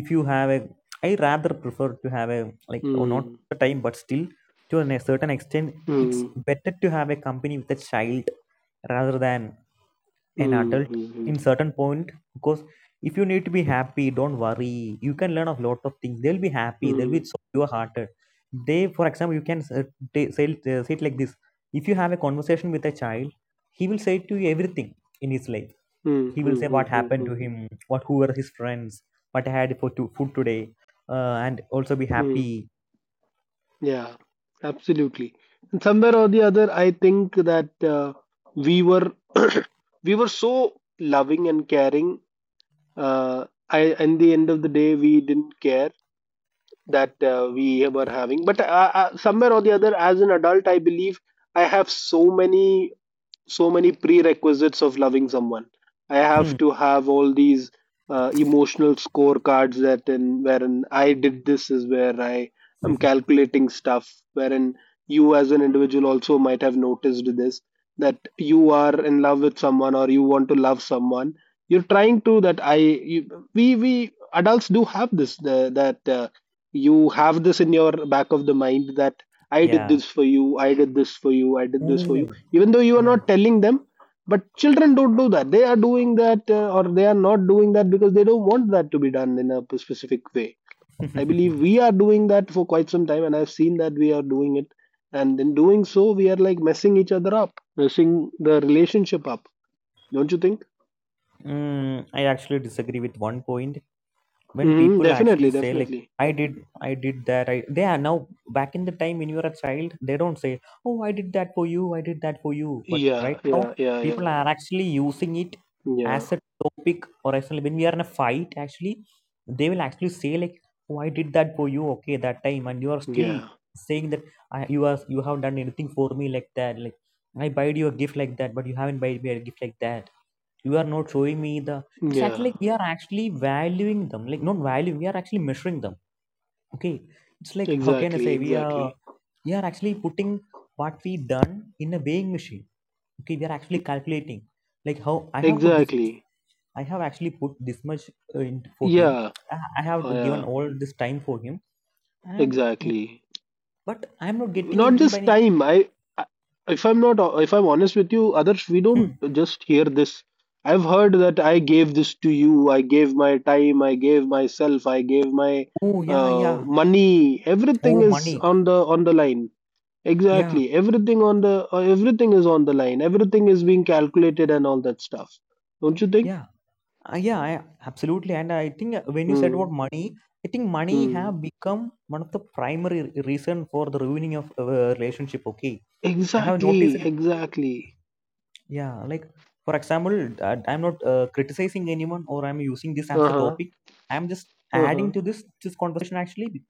[SPEAKER 2] if you have a I rather prefer to have a, like, or not
[SPEAKER 1] Hmm.
[SPEAKER 2] all the time, but still to a certain extent, it's
[SPEAKER 1] Hmm.
[SPEAKER 2] better to have a company with a child rather than an
[SPEAKER 1] Mm,
[SPEAKER 2] adult
[SPEAKER 1] mm,
[SPEAKER 2] in certain point. Because if you need to be happy, don't worry, you can learn a lot of things. They'll be happy. They'll be
[SPEAKER 1] mm,
[SPEAKER 2] so pure hearted. They, for example, you can say, say it like this. If you have a conversation with a child, he will say to you everything in his life.
[SPEAKER 1] mm, mm,
[SPEAKER 2] He will say
[SPEAKER 1] mm,
[SPEAKER 2] what
[SPEAKER 1] mm, mm,
[SPEAKER 2] happened
[SPEAKER 1] mm.
[SPEAKER 2] to him, what who were his friends, what I had food today, and also be
[SPEAKER 1] Mm.
[SPEAKER 2] happy.
[SPEAKER 1] Yeah, absolutely. And somewhere or the other, I think that we were we were so loving and caring. In the end of the day, we didn't care that we were having. But somewhere or the other, as an adult, I believe I have so many prerequisites of loving someone. I have
[SPEAKER 2] Hmm.
[SPEAKER 1] to have all these emotional scorecards that in wherein I did this is where I am calculating stuff. Wherein you as an individual also might have noticed this, that you are in love with someone or you want to love someone. You're trying to, we adults do have this, that you have this in your back of the mind, that I did
[SPEAKER 2] Yeah.
[SPEAKER 1] this for you, I did this for you, I did this for you,
[SPEAKER 2] Ooh.
[SPEAKER 1] even though you are
[SPEAKER 2] Yeah.
[SPEAKER 1] not telling them. But children don't do that. They are doing that, or they are not doing that because they don't want that to be done in a specific way. I believe we are doing that for quite some time, and I've seen that we are doing it, and in doing so we are like messing each other up, messing the relationship up, don't you think?
[SPEAKER 2] I actually disagree with one point. When
[SPEAKER 1] Hmm.
[SPEAKER 2] people actually
[SPEAKER 1] Definitely.
[SPEAKER 2] say, like,
[SPEAKER 1] Definitely.
[SPEAKER 2] I did, I did that, I they are now back in the time when you were a child. They don't say, oh, I did that for you, I did that for you. But
[SPEAKER 1] Yeah,
[SPEAKER 2] right now,
[SPEAKER 1] yeah, yeah, yeah,
[SPEAKER 2] people are actually using it
[SPEAKER 1] yeah,
[SPEAKER 2] as a topic, or actually when we are in a fight, actually they will actually say, like, oh, I did that for you, okay, that time. And you are still
[SPEAKER 1] yeah,
[SPEAKER 2] saying that, I, you have done anything for me, like that. Like I buyed you a gift like that, but you haven't buyed me a gift like that. You are not showing me the it's actually
[SPEAKER 1] yeah.
[SPEAKER 2] like we are actually valuing them. Like, not value, we are actually measuring them. Okay, it's like, how can I
[SPEAKER 1] Exactly,
[SPEAKER 2] say, we are
[SPEAKER 1] exactly,
[SPEAKER 2] we are actually putting what we done in a weighing machine. Okay, we are actually calculating like how i have put this
[SPEAKER 1] exactly.
[SPEAKER 2] I have actually put this much in for him.
[SPEAKER 1] Yeah.
[SPEAKER 2] I have
[SPEAKER 1] Oh, yeah.
[SPEAKER 2] given all this time for him, and
[SPEAKER 1] Exactly.
[SPEAKER 2] but I'm not getting
[SPEAKER 1] Not
[SPEAKER 2] it by
[SPEAKER 1] just time. I, if I'm not, if I'm honest with you, others, we
[SPEAKER 2] hmm,
[SPEAKER 1] don't just hear this. I've heard that I gave this to you, I gave my time, I gave myself, I gave my
[SPEAKER 2] oh, yeah,
[SPEAKER 1] uh,
[SPEAKER 2] yeah,
[SPEAKER 1] money. Everything
[SPEAKER 2] oh,
[SPEAKER 1] is
[SPEAKER 2] money,
[SPEAKER 1] on the line.
[SPEAKER 2] yeah,
[SPEAKER 1] Exactly. Everything is on the line everything is being calculated and all that stuff, don't you think?
[SPEAKER 2] yeah. Yeah, absolutely. And I think when you said
[SPEAKER 1] Hmm.
[SPEAKER 2] about money, I think money
[SPEAKER 1] Hmm.
[SPEAKER 2] have become one of the primary reason for the ruining of a relationship. Okay, I have noticed
[SPEAKER 1] Exactly.
[SPEAKER 2] it.
[SPEAKER 1] Exactly.
[SPEAKER 2] Yeah, like for example, I'm not criticizing anyone or I'm using this as a
[SPEAKER 1] Uh-huh.
[SPEAKER 2] topic. I'm just
[SPEAKER 1] Uh-huh.
[SPEAKER 2] adding to this conversation actually be-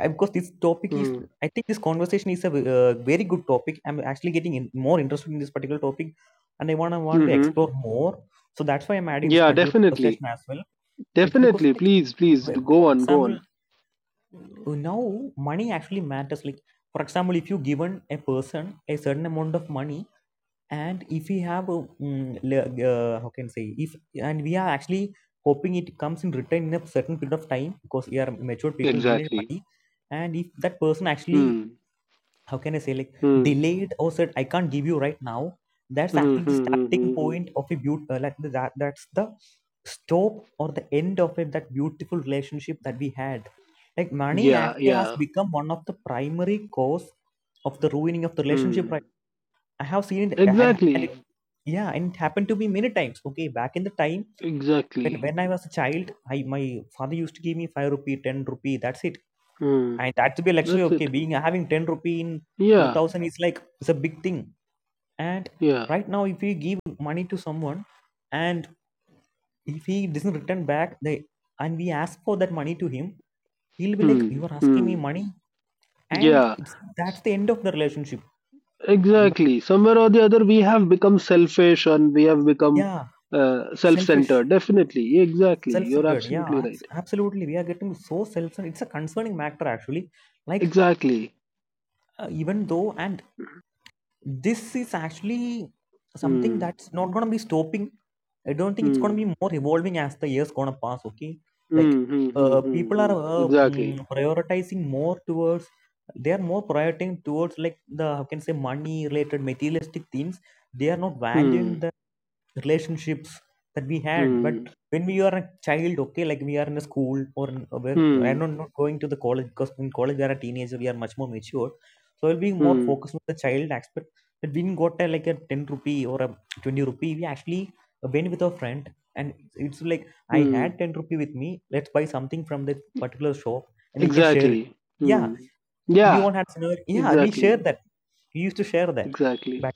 [SPEAKER 2] uh, because this topic is.
[SPEAKER 1] Hmm.
[SPEAKER 2] I think this conversation is a very good topic. I'm actually getting more interested in this particular topic, and I wanna want to
[SPEAKER 1] Mm-hmm.
[SPEAKER 2] explore more. So that's why I'm adding this
[SPEAKER 1] Yeah.
[SPEAKER 2] particular
[SPEAKER 1] Definitely.
[SPEAKER 2] conversation as well. It's because,
[SPEAKER 1] Definitely,
[SPEAKER 2] like,
[SPEAKER 1] please, please, go
[SPEAKER 2] for
[SPEAKER 1] on, go
[SPEAKER 2] example,
[SPEAKER 1] on.
[SPEAKER 2] now money actually matters. Like, for example, if you given a person a certain amount of money, and if we have a, how can I say, if and we are actually hoping it comes in return in a certain period of time, because we are matured people, we need
[SPEAKER 1] Exactly.
[SPEAKER 2] money. And if that person actually,
[SPEAKER 1] Hmm.
[SPEAKER 2] how can I say, like,
[SPEAKER 1] Hmm.
[SPEAKER 2] delayed or said, I can't give you right now. That's
[SPEAKER 1] Hmm. Hmm.
[SPEAKER 2] actually the
[SPEAKER 1] Hmm. Hmm.
[SPEAKER 2] starting
[SPEAKER 1] Hmm. Hmm.
[SPEAKER 2] point of a beautiful, like, that's the stop or the end of it, that beautiful relationship that we had. Like money
[SPEAKER 1] Yeah.
[SPEAKER 2] actually has
[SPEAKER 1] Yeah.
[SPEAKER 2] become one of the primary cause of the ruining of the relationship.
[SPEAKER 1] Hmm.
[SPEAKER 2] Right, I have seen it, and it,
[SPEAKER 1] Exactly.
[SPEAKER 2] yeah, and it happened to me many times. Okay, back in the time when
[SPEAKER 1] Exactly.
[SPEAKER 2] when I was a child, I my father used to give me 5 rupee, 10 rupee, that's it.
[SPEAKER 1] Hmm.
[SPEAKER 2] And that to be a luxury.
[SPEAKER 1] That's
[SPEAKER 2] Okay,
[SPEAKER 1] it.
[SPEAKER 2] being having 10 rupee in
[SPEAKER 1] Yeah.
[SPEAKER 2] 2000 is like, it's a big thing. And
[SPEAKER 1] Yeah.
[SPEAKER 2] right now, if we give money to someone, and if he doesn't return back the and we ask for that money to him, he'll be like,
[SPEAKER 1] Hmm.
[SPEAKER 2] you are asking me
[SPEAKER 1] Hmm.
[SPEAKER 2] money. And
[SPEAKER 1] Yeah.
[SPEAKER 2] that's the end of the relationship. But
[SPEAKER 1] Exactly. Somewhere or the other, we have become selfish and we have become
[SPEAKER 2] yeah, selfish,
[SPEAKER 1] self-centered. Definitely. Exactly. You're
[SPEAKER 2] self-centered, yeah,
[SPEAKER 1] absolutely right.
[SPEAKER 2] absolutely. We are getting so self-centered. It's a concerning matter actually. Like
[SPEAKER 1] Exactly.
[SPEAKER 2] even though and this is actually something
[SPEAKER 1] Hmm.
[SPEAKER 2] that's not going to be stopping. I don't think it's going to
[SPEAKER 1] Hmm.
[SPEAKER 2] be more evolving as the years going to pass. Okay, like
[SPEAKER 1] Hmm. Hmm. Hmm. Hmm.
[SPEAKER 2] people are
[SPEAKER 1] Hmm. Exactly.
[SPEAKER 2] prioritizing more towards they are more prioritizing towards, like, the, how can I say, money related materialistic things. They are not valuing
[SPEAKER 1] Hmm.
[SPEAKER 2] the relationships that we had. But
[SPEAKER 1] Hmm.
[SPEAKER 2] when we are a child, okay, like, we are in a school, or where I'm
[SPEAKER 1] Hmm.
[SPEAKER 2] not, not going to the college, because in college we are a teenager, we are much more mature, so we'll be more
[SPEAKER 1] Hmm.
[SPEAKER 2] focused on the child aspect. That we didn't got a, like a 10 rupee or a 20 rupee, we actually went with our friend. And it's like, I had
[SPEAKER 1] Hmm.
[SPEAKER 2] 10 rupee with me, let's buy something from that particular shop and we can share it.
[SPEAKER 1] Exactly.
[SPEAKER 2] Yeah,
[SPEAKER 1] Hmm.
[SPEAKER 2] we
[SPEAKER 1] Yeah.
[SPEAKER 2] all had scenario. Yeah, we shared
[SPEAKER 1] Exactly.
[SPEAKER 2] that. We used to share that.
[SPEAKER 1] Exactly.
[SPEAKER 2] Back,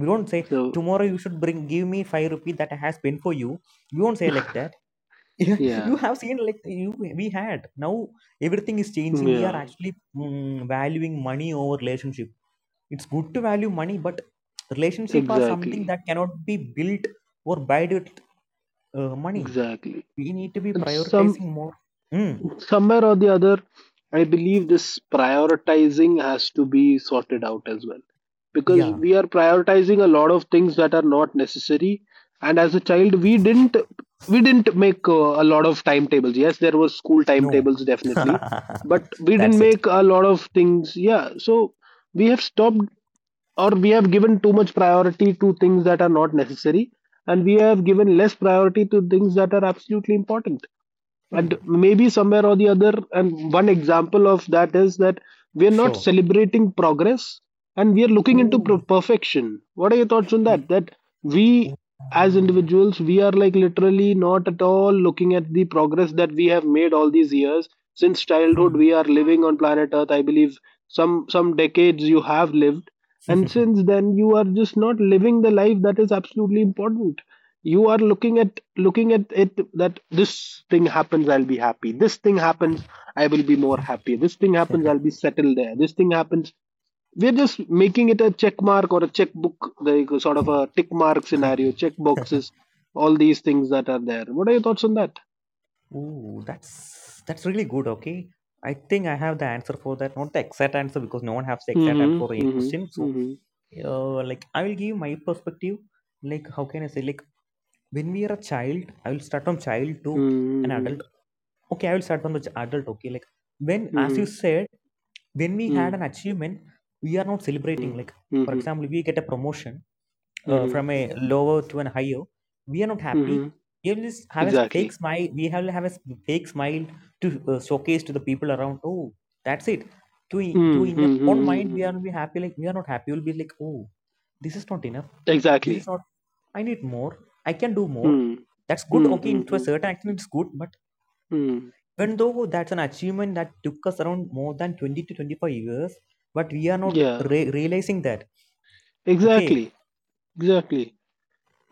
[SPEAKER 2] we don't say,
[SPEAKER 1] So
[SPEAKER 2] tomorrow you should bring give me 5 rupees that I has been for you. We won't say like that.
[SPEAKER 1] yeah.
[SPEAKER 2] You have seen, like, you we had, now everything is changing. We are
[SPEAKER 1] Yeah.
[SPEAKER 2] actually valuing money over relationship. It's good to value money, but relationship are something
[SPEAKER 1] Exactly.
[SPEAKER 2] that cannot be built or bought with money.
[SPEAKER 1] Exactly.
[SPEAKER 2] We need to be
[SPEAKER 1] And
[SPEAKER 2] prioritizing more. Mm,
[SPEAKER 1] somewhere or the other, I believe this prioritizing has to be sorted out as well. Because
[SPEAKER 2] yeah.
[SPEAKER 1] we are prioritizing a lot of things that are not necessary, and as a child, we didn't make a lot of timetables. Yes, there were school
[SPEAKER 2] No.
[SPEAKER 1] timetables, definitely, but we didn't
[SPEAKER 2] That's it.
[SPEAKER 1] make a lot of things. Yeah, so we have stopped, or we have given too much priority to things that are not necessary, and we have given less priority to things that are absolutely important.
[SPEAKER 2] Hmm.
[SPEAKER 1] And maybe somewhere or the other, and one example of that is that we are not
[SPEAKER 2] Sure.
[SPEAKER 1] celebrating progress, and we are looking into
[SPEAKER 2] Ooh.
[SPEAKER 1] perfection. What are your thoughts on
[SPEAKER 2] y-
[SPEAKER 1] that? That we as individuals, we are like literally not at all looking at the progress that we have made all these years. Since childhood
[SPEAKER 2] Hmm.
[SPEAKER 1] we are living on planet Earth. I believe some decades you have lived, and since then, you are just not living the life that is absolutely important. You are looking at it that this thing happens, I'll be happy. This thing happens, I will be more happy. This thing happens, I'll be settled there. This thing happens, we're just making it a check mark or a checkbook, like a sort of a tick mark scenario, check boxes, all these things that are there. What are your thoughts on that?
[SPEAKER 2] Ooh, that's really good. Okay, I think I have the answer for that. Not the exact answer, because no one has the exact answer for any
[SPEAKER 1] Mm-hmm.
[SPEAKER 2] question. So,
[SPEAKER 1] Mm-hmm.
[SPEAKER 2] like, I will give my perspective. Like how can I say? Like, when we are a child, I will start from child to an
[SPEAKER 1] Mm-hmm.
[SPEAKER 2] adult. Okay, I will start from the adult. Okay, like, when, as you
[SPEAKER 1] Mm-hmm.
[SPEAKER 2] said, when we had
[SPEAKER 1] Mm-hmm.
[SPEAKER 2] an achievement, we are not celebrating.
[SPEAKER 1] Mm-hmm.
[SPEAKER 2] Like, for
[SPEAKER 1] Mm-hmm.
[SPEAKER 2] example, if we get a promotion from a lower to an higher, we are not happy.
[SPEAKER 1] Mm-hmm.
[SPEAKER 2] We will just have a fake
[SPEAKER 1] Exactly.
[SPEAKER 2] smile. We have a fake smile to showcase to the people around. Oh, that's it. To to
[SPEAKER 1] Mm,
[SPEAKER 2] in
[SPEAKER 1] hmm, hmm,
[SPEAKER 2] our own
[SPEAKER 1] hmm,
[SPEAKER 2] mind,
[SPEAKER 1] hmm,
[SPEAKER 2] we are
[SPEAKER 1] hmm.
[SPEAKER 2] not be happy. Like, we are not happy. We'll be like, oh, this is not enough. This is
[SPEAKER 1] Exactly.
[SPEAKER 2] not. I need more. I can do more.
[SPEAKER 1] Hmm.
[SPEAKER 2] That's good.
[SPEAKER 1] Hmm,
[SPEAKER 2] Okay,
[SPEAKER 1] hmm,
[SPEAKER 2] to
[SPEAKER 1] hmm,
[SPEAKER 2] a certain extent, it's good. But
[SPEAKER 1] hmm.
[SPEAKER 2] even though that's an achievement that took us around more than 20 to 25 years, but we are not
[SPEAKER 1] Yeah,
[SPEAKER 2] realizing that. Okay.
[SPEAKER 1] exactly. Exactly.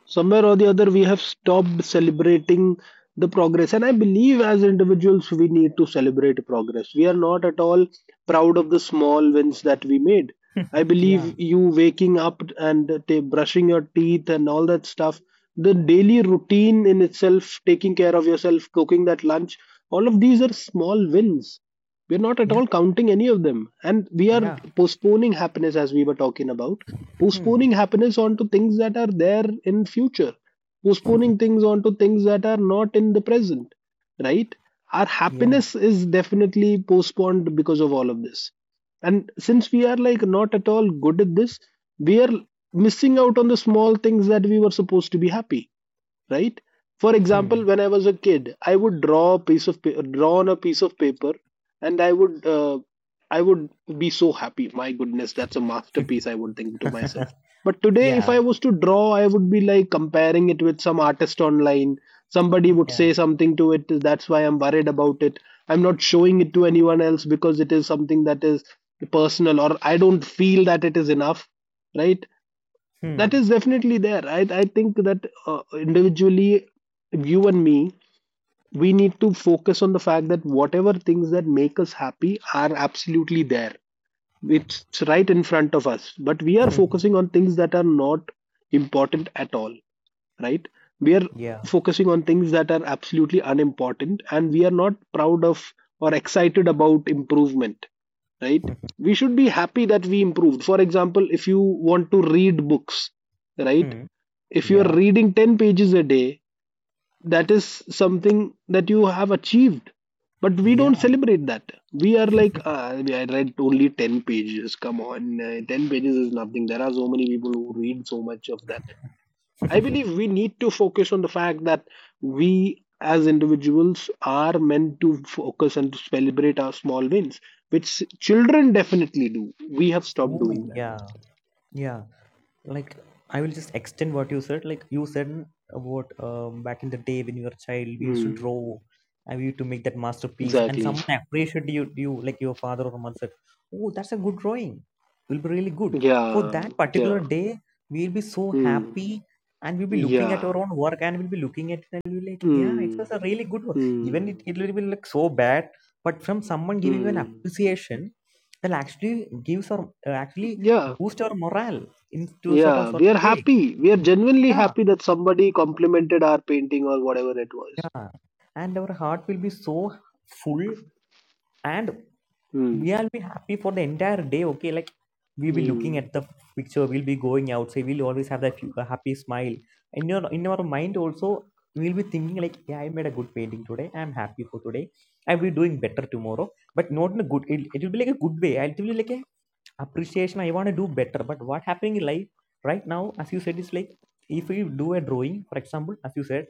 [SPEAKER 1] Somewhere or the other, we have stopped celebrating the progress. And I believe as individuals, we need to celebrate progress. We are not at all proud of the small wins that we made. I
[SPEAKER 2] Yeah.
[SPEAKER 1] believe you waking up and brushing your teeth and all that stuff, the daily routine in itself, taking care of yourself, cooking that lunch, all of these are small wins. We're not at
[SPEAKER 2] Yeah.
[SPEAKER 1] all counting any of them, and we are
[SPEAKER 2] Yeah.
[SPEAKER 1] postponing happiness, as we were talking about,
[SPEAKER 2] Hmm.
[SPEAKER 1] postponing happiness onto things that are there in future, postponing things onto things that are not in the present, right? Our
[SPEAKER 2] Yeah.
[SPEAKER 1] happiness is definitely postponed because of all of this. And since we are like not at all good at this, we are missing out on the small things that we were supposed to be happy, right? For
[SPEAKER 2] Hmm.
[SPEAKER 1] example, when I was a kid, I would draw on a piece of paper, and I would be so happy. My goodness, that's a masterpiece, I would think to myself. But today, if
[SPEAKER 2] Yeah.
[SPEAKER 1] I was to draw, I would be like comparing it with some artist online. Somebody would
[SPEAKER 2] Yeah.
[SPEAKER 1] say something to it. That's why I'm worried about it. I'm not showing it to anyone else because it is something that is personal, or I don't feel that it is enough, right? That
[SPEAKER 2] Hmm.
[SPEAKER 1] is definitely there. I think that individually, you and me, we need to focus on the fact that whatever things that make us happy are absolutely there. It's right in front of us. But we are
[SPEAKER 2] Hmm.
[SPEAKER 1] focusing on things that are not important at all, right? We are
[SPEAKER 2] Yeah.
[SPEAKER 1] focusing on things that are absolutely unimportant, and we are not proud of or excited about improvement, right? We should be happy that we improved. For example, if you want to read books, right?
[SPEAKER 2] Hmm.
[SPEAKER 1] If you are
[SPEAKER 2] Yeah.
[SPEAKER 1] reading 10 pages a day, that is something that you have achieved. But we don't
[SPEAKER 2] Yeah.
[SPEAKER 1] celebrate that. We are like, ah, I read only 10 pages. Come on, 10 pages is nothing. There are so many people who read so much of that. I believe we need to focus on the fact that we as individuals are meant to focus and to celebrate our small wins, which children definitely do. We have stopped doing
[SPEAKER 2] Ooh.
[SPEAKER 1] that.
[SPEAKER 2] Yeah. Yeah. Like I will just extend what you said. Like you said about back in the day, when you were a child, we used to
[SPEAKER 1] Mm,
[SPEAKER 2] draw and we used to make that masterpiece, and
[SPEAKER 1] exactly.
[SPEAKER 2] someone appreciated you, like your father or mother said, oh, that's a good drawing. It will be really good. For
[SPEAKER 1] Yeah.
[SPEAKER 2] that particular
[SPEAKER 1] Yeah.
[SPEAKER 2] day, we'll be so
[SPEAKER 1] Hmm.
[SPEAKER 2] happy, and we'll be looking at
[SPEAKER 1] Yeah.
[SPEAKER 2] our own work, and we'll be looking at it, and we'll be like, yeah, it
[SPEAKER 1] Mm.
[SPEAKER 2] was a really good work. Even it,
[SPEAKER 1] Mm.
[SPEAKER 2] it will be like so bad, but from someone giving you an
[SPEAKER 1] Mm.
[SPEAKER 2] appreciation will actually gives our actually
[SPEAKER 1] Yeah.
[SPEAKER 2] boost our morale into sort of
[SPEAKER 1] Yeah.
[SPEAKER 2] sort
[SPEAKER 1] We
[SPEAKER 2] of
[SPEAKER 1] are
[SPEAKER 2] way.
[SPEAKER 1] happy. We are genuinely
[SPEAKER 2] Yeah,
[SPEAKER 1] happy that somebody complimented our painting or whatever it was.
[SPEAKER 2] yeah. And our heart will be so full, and
[SPEAKER 1] Mm.
[SPEAKER 2] we'll be happy for the entire day. Okay, like, we'll be looking
[SPEAKER 1] Mm.
[SPEAKER 2] at the picture, we'll be going outside, we'll always have that a happy smile. In our mind also, we'll be thinking like, yeah, I made a good painting today. I'm happy for today. I'll be doing better tomorrow, but not in a good. It will be like a good way. It will be like a appreciation. I want to do better. But what happening in life right now, as you said, is like, if we do a drawing, for example, as you said,